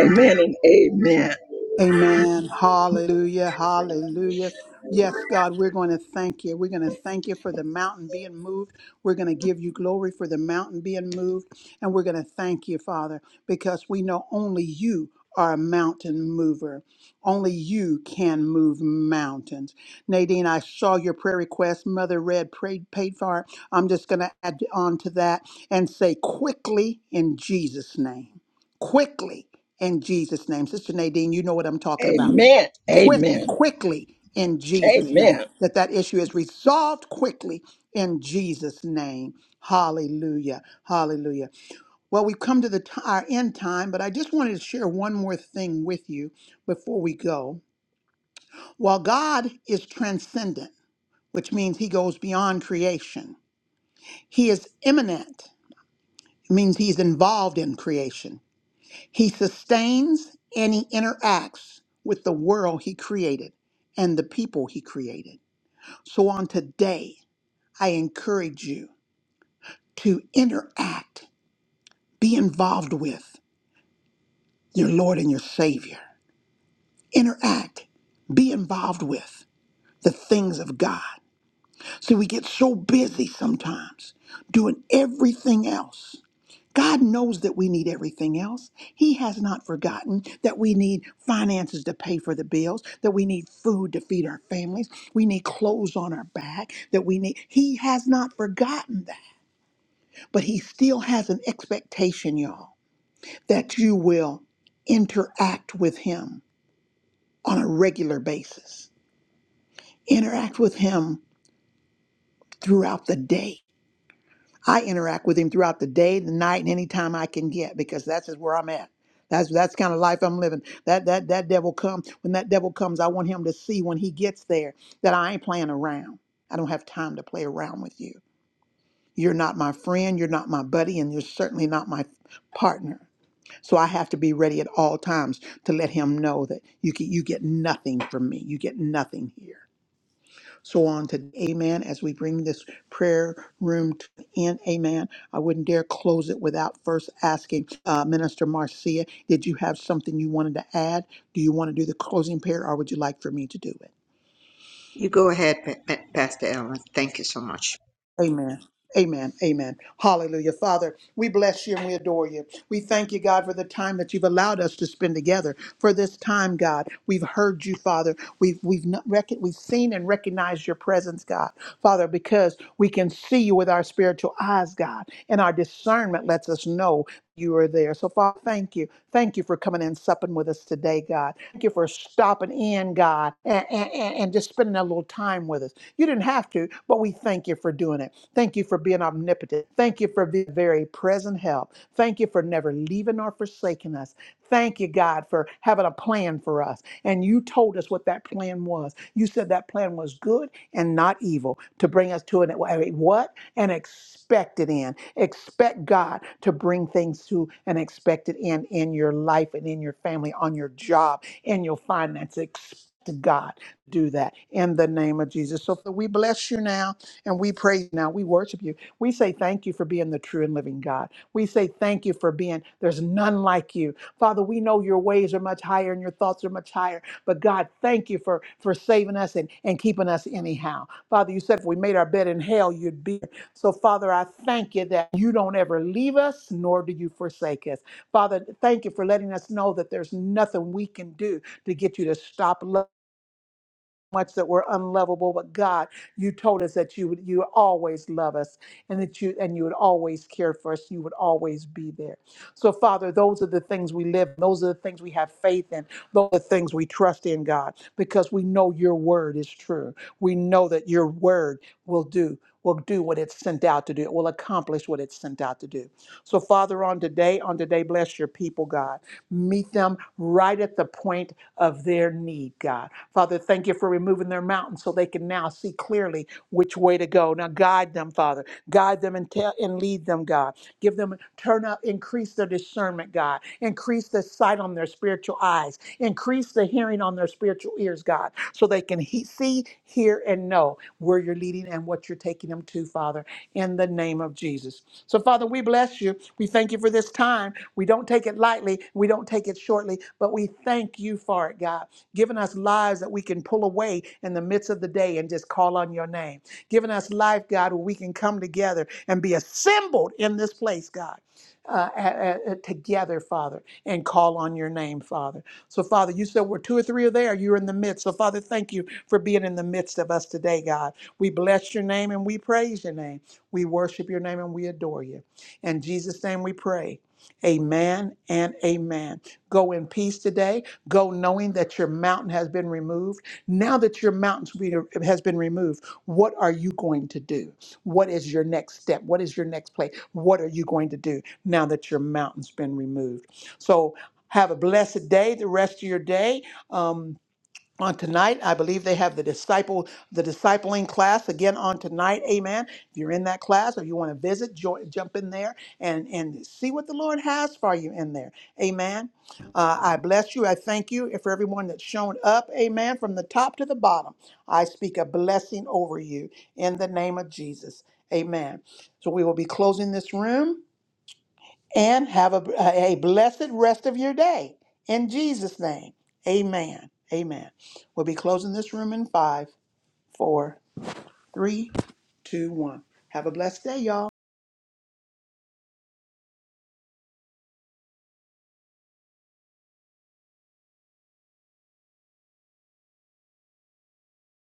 E: Amen and amen.
A: Amen. Hallelujah. Hallelujah. Yes, God, we're going to thank you. We're going to thank you for the mountain being moved. We're going to give you glory for the mountain being moved. And we're going to thank you, Father, because we know only you are a mountain mover. Only you can move mountains. Nadine, I saw your prayer request. Mother Red prayed, paid for it. I'm just going to add on to that and say quickly in Jesus' name. Quickly in Jesus' name. Sister Nadine, you know what I'm talking about.
E: Amen.
A: Quick,
E: Amen.
A: quickly in Jesus' name.
E: Amen.
A: That that issue is resolved quickly in Jesus' name. Hallelujah. Hallelujah. Well, we've come to the t- our end time, but I just wanted to share one more thing with you before we go. While God is transcendent, which means he goes beyond creation, he is immanent, means he's involved in creation. He sustains and he interacts with the world he created and the people he created. So on today, I encourage you to interact, be involved with your Lord and your Savior. Interact, be involved with the things of God. See, we get so busy sometimes doing everything else God knows that we need everything else. He has not forgotten that we need finances to pay for the bills, that we need food to feed our families, we need clothes on our back, that we need. He has not forgotten that. But He still has an expectation, y'all, that you will interact with Him on a regular basis, interact with Him throughout the day I interact with him throughout the day, the night, and any time I can get because that's just where I'm at. That's that's kind of life I'm living. That that that devil comes when that devil comes, I want him to see when he gets there that I ain't playing around. I don't have time to play around with you. You're not my friend, you're not my buddy, and you're certainly not my partner. So I have to be ready at all times to let him know that you get, you get nothing from me. You get nothing here so on to amen as we bring this prayer room to an end amen i wouldn't dare close it without first asking uh, minister marcia did you have something you wanted to add do you want to do the closing prayer or would you like for me to do it
B: You go ahead, Pa- Pa- Pastor Ellen. Thank you so much.
A: Amen. Amen. Amen. Hallelujah. Father, we bless you and we adore you. We thank you, God, for the time that you've allowed us to spend together. For this time, God, we've heard you, Father. We've we've not rec- we've seen and recognized your presence, God, Father, because we can see you with our spiritual eyes, God, and our discernment lets us know you are there. So, Father, thank you. Thank you for coming and supping with us today, God. Thank you for stopping in, God, and, and, and just spending a little time with us. You didn't have to, but we thank you for doing it. Thank you for being omnipotent. Thank you for being very present help. Thank you for never leaving or forsaking us. Thank you, God, for having a plan for us. And you told us what that plan was. You said that plan was good and not evil to bring us to an wait, what? and expect it in. Expect God to bring things to an expected end in your life and in your family, on your job, in your finance. Expect God to do that in the name of Jesus. So we bless you now and we praise you now. We worship you. We say thank you for being the true and living God. We say thank you for being, there's none like you. Father, we know your ways are much higher and your thoughts are much higher. But God, thank you for for saving us and, and keeping us anyhow. Father, you said if we made our bed in hell, you'd be. So, Father, I thank you that you don't ever leave us, nor do you forsake us. Father, thank you for letting us know that there's nothing we can do to get you to stop loving much that we're unlovable, but God, you told us that you would you would always love us and that you and you would always care for us. You would always be there. So, Father, those are the things we live, those are the things we have faith in, those are the things we trust in, God, because we know your word is true. We know that your word will do. Will do what it's sent out to do. It will accomplish what it's sent out to do. So, Father, on today, on today, bless your people, God. Meet them right at the point of their need, God. Father, thank you for removing their mountain so they can now see clearly which way to go. Now guide them, Father. Guide them and tell and lead them, God. Give them turn up, increase their discernment, God. Increase the sight on their spiritual eyes. Increase the hearing on their spiritual ears, God, so they can he- see, hear, and know where you're leading and what you're taking them to, Father, in the name of Jesus. So, Father, we bless you. We thank you for this time. We don't take it lightly. We don't take it shortly, but we thank you for it, God. Giving us lives that we can pull away in the midst of the day and just call on your name. Giving us life, God, where we can come together and be assembled in this place, God. Uh, a- a- a- together, Father, and call on your name, Father. So, Father, you said where two or three are there, you're in the midst. So, Father, thank you for being in the midst of us today, God. We bless your name and we praise your name. We worship your name and we adore you. In Jesus' name we pray. Amen and amen. Go in peace today. Go knowing that your mountain has been removed. Now that your mountain has been removed, what are you going to do? What is your next step? What is your next play? What are you going to do now that your mountain's been removed? So have a blessed day, the rest of your day. Um, on tonight. I believe they have the disciple, the discipling class again on tonight. Amen. If you're in that class or you want to visit, jo- jump in there and and see what the Lord has for you in there. Amen. Uh, I bless you. I thank you for everyone that's shown up. Amen. From the top to the bottom, I speak a blessing over you in the name of Jesus. Amen. So we will be closing this room and have a, a blessed rest of your day. In Jesus' name, amen. Amen. We'll be closing this room in five, four, three, two, one. Have a blessed day, y'all.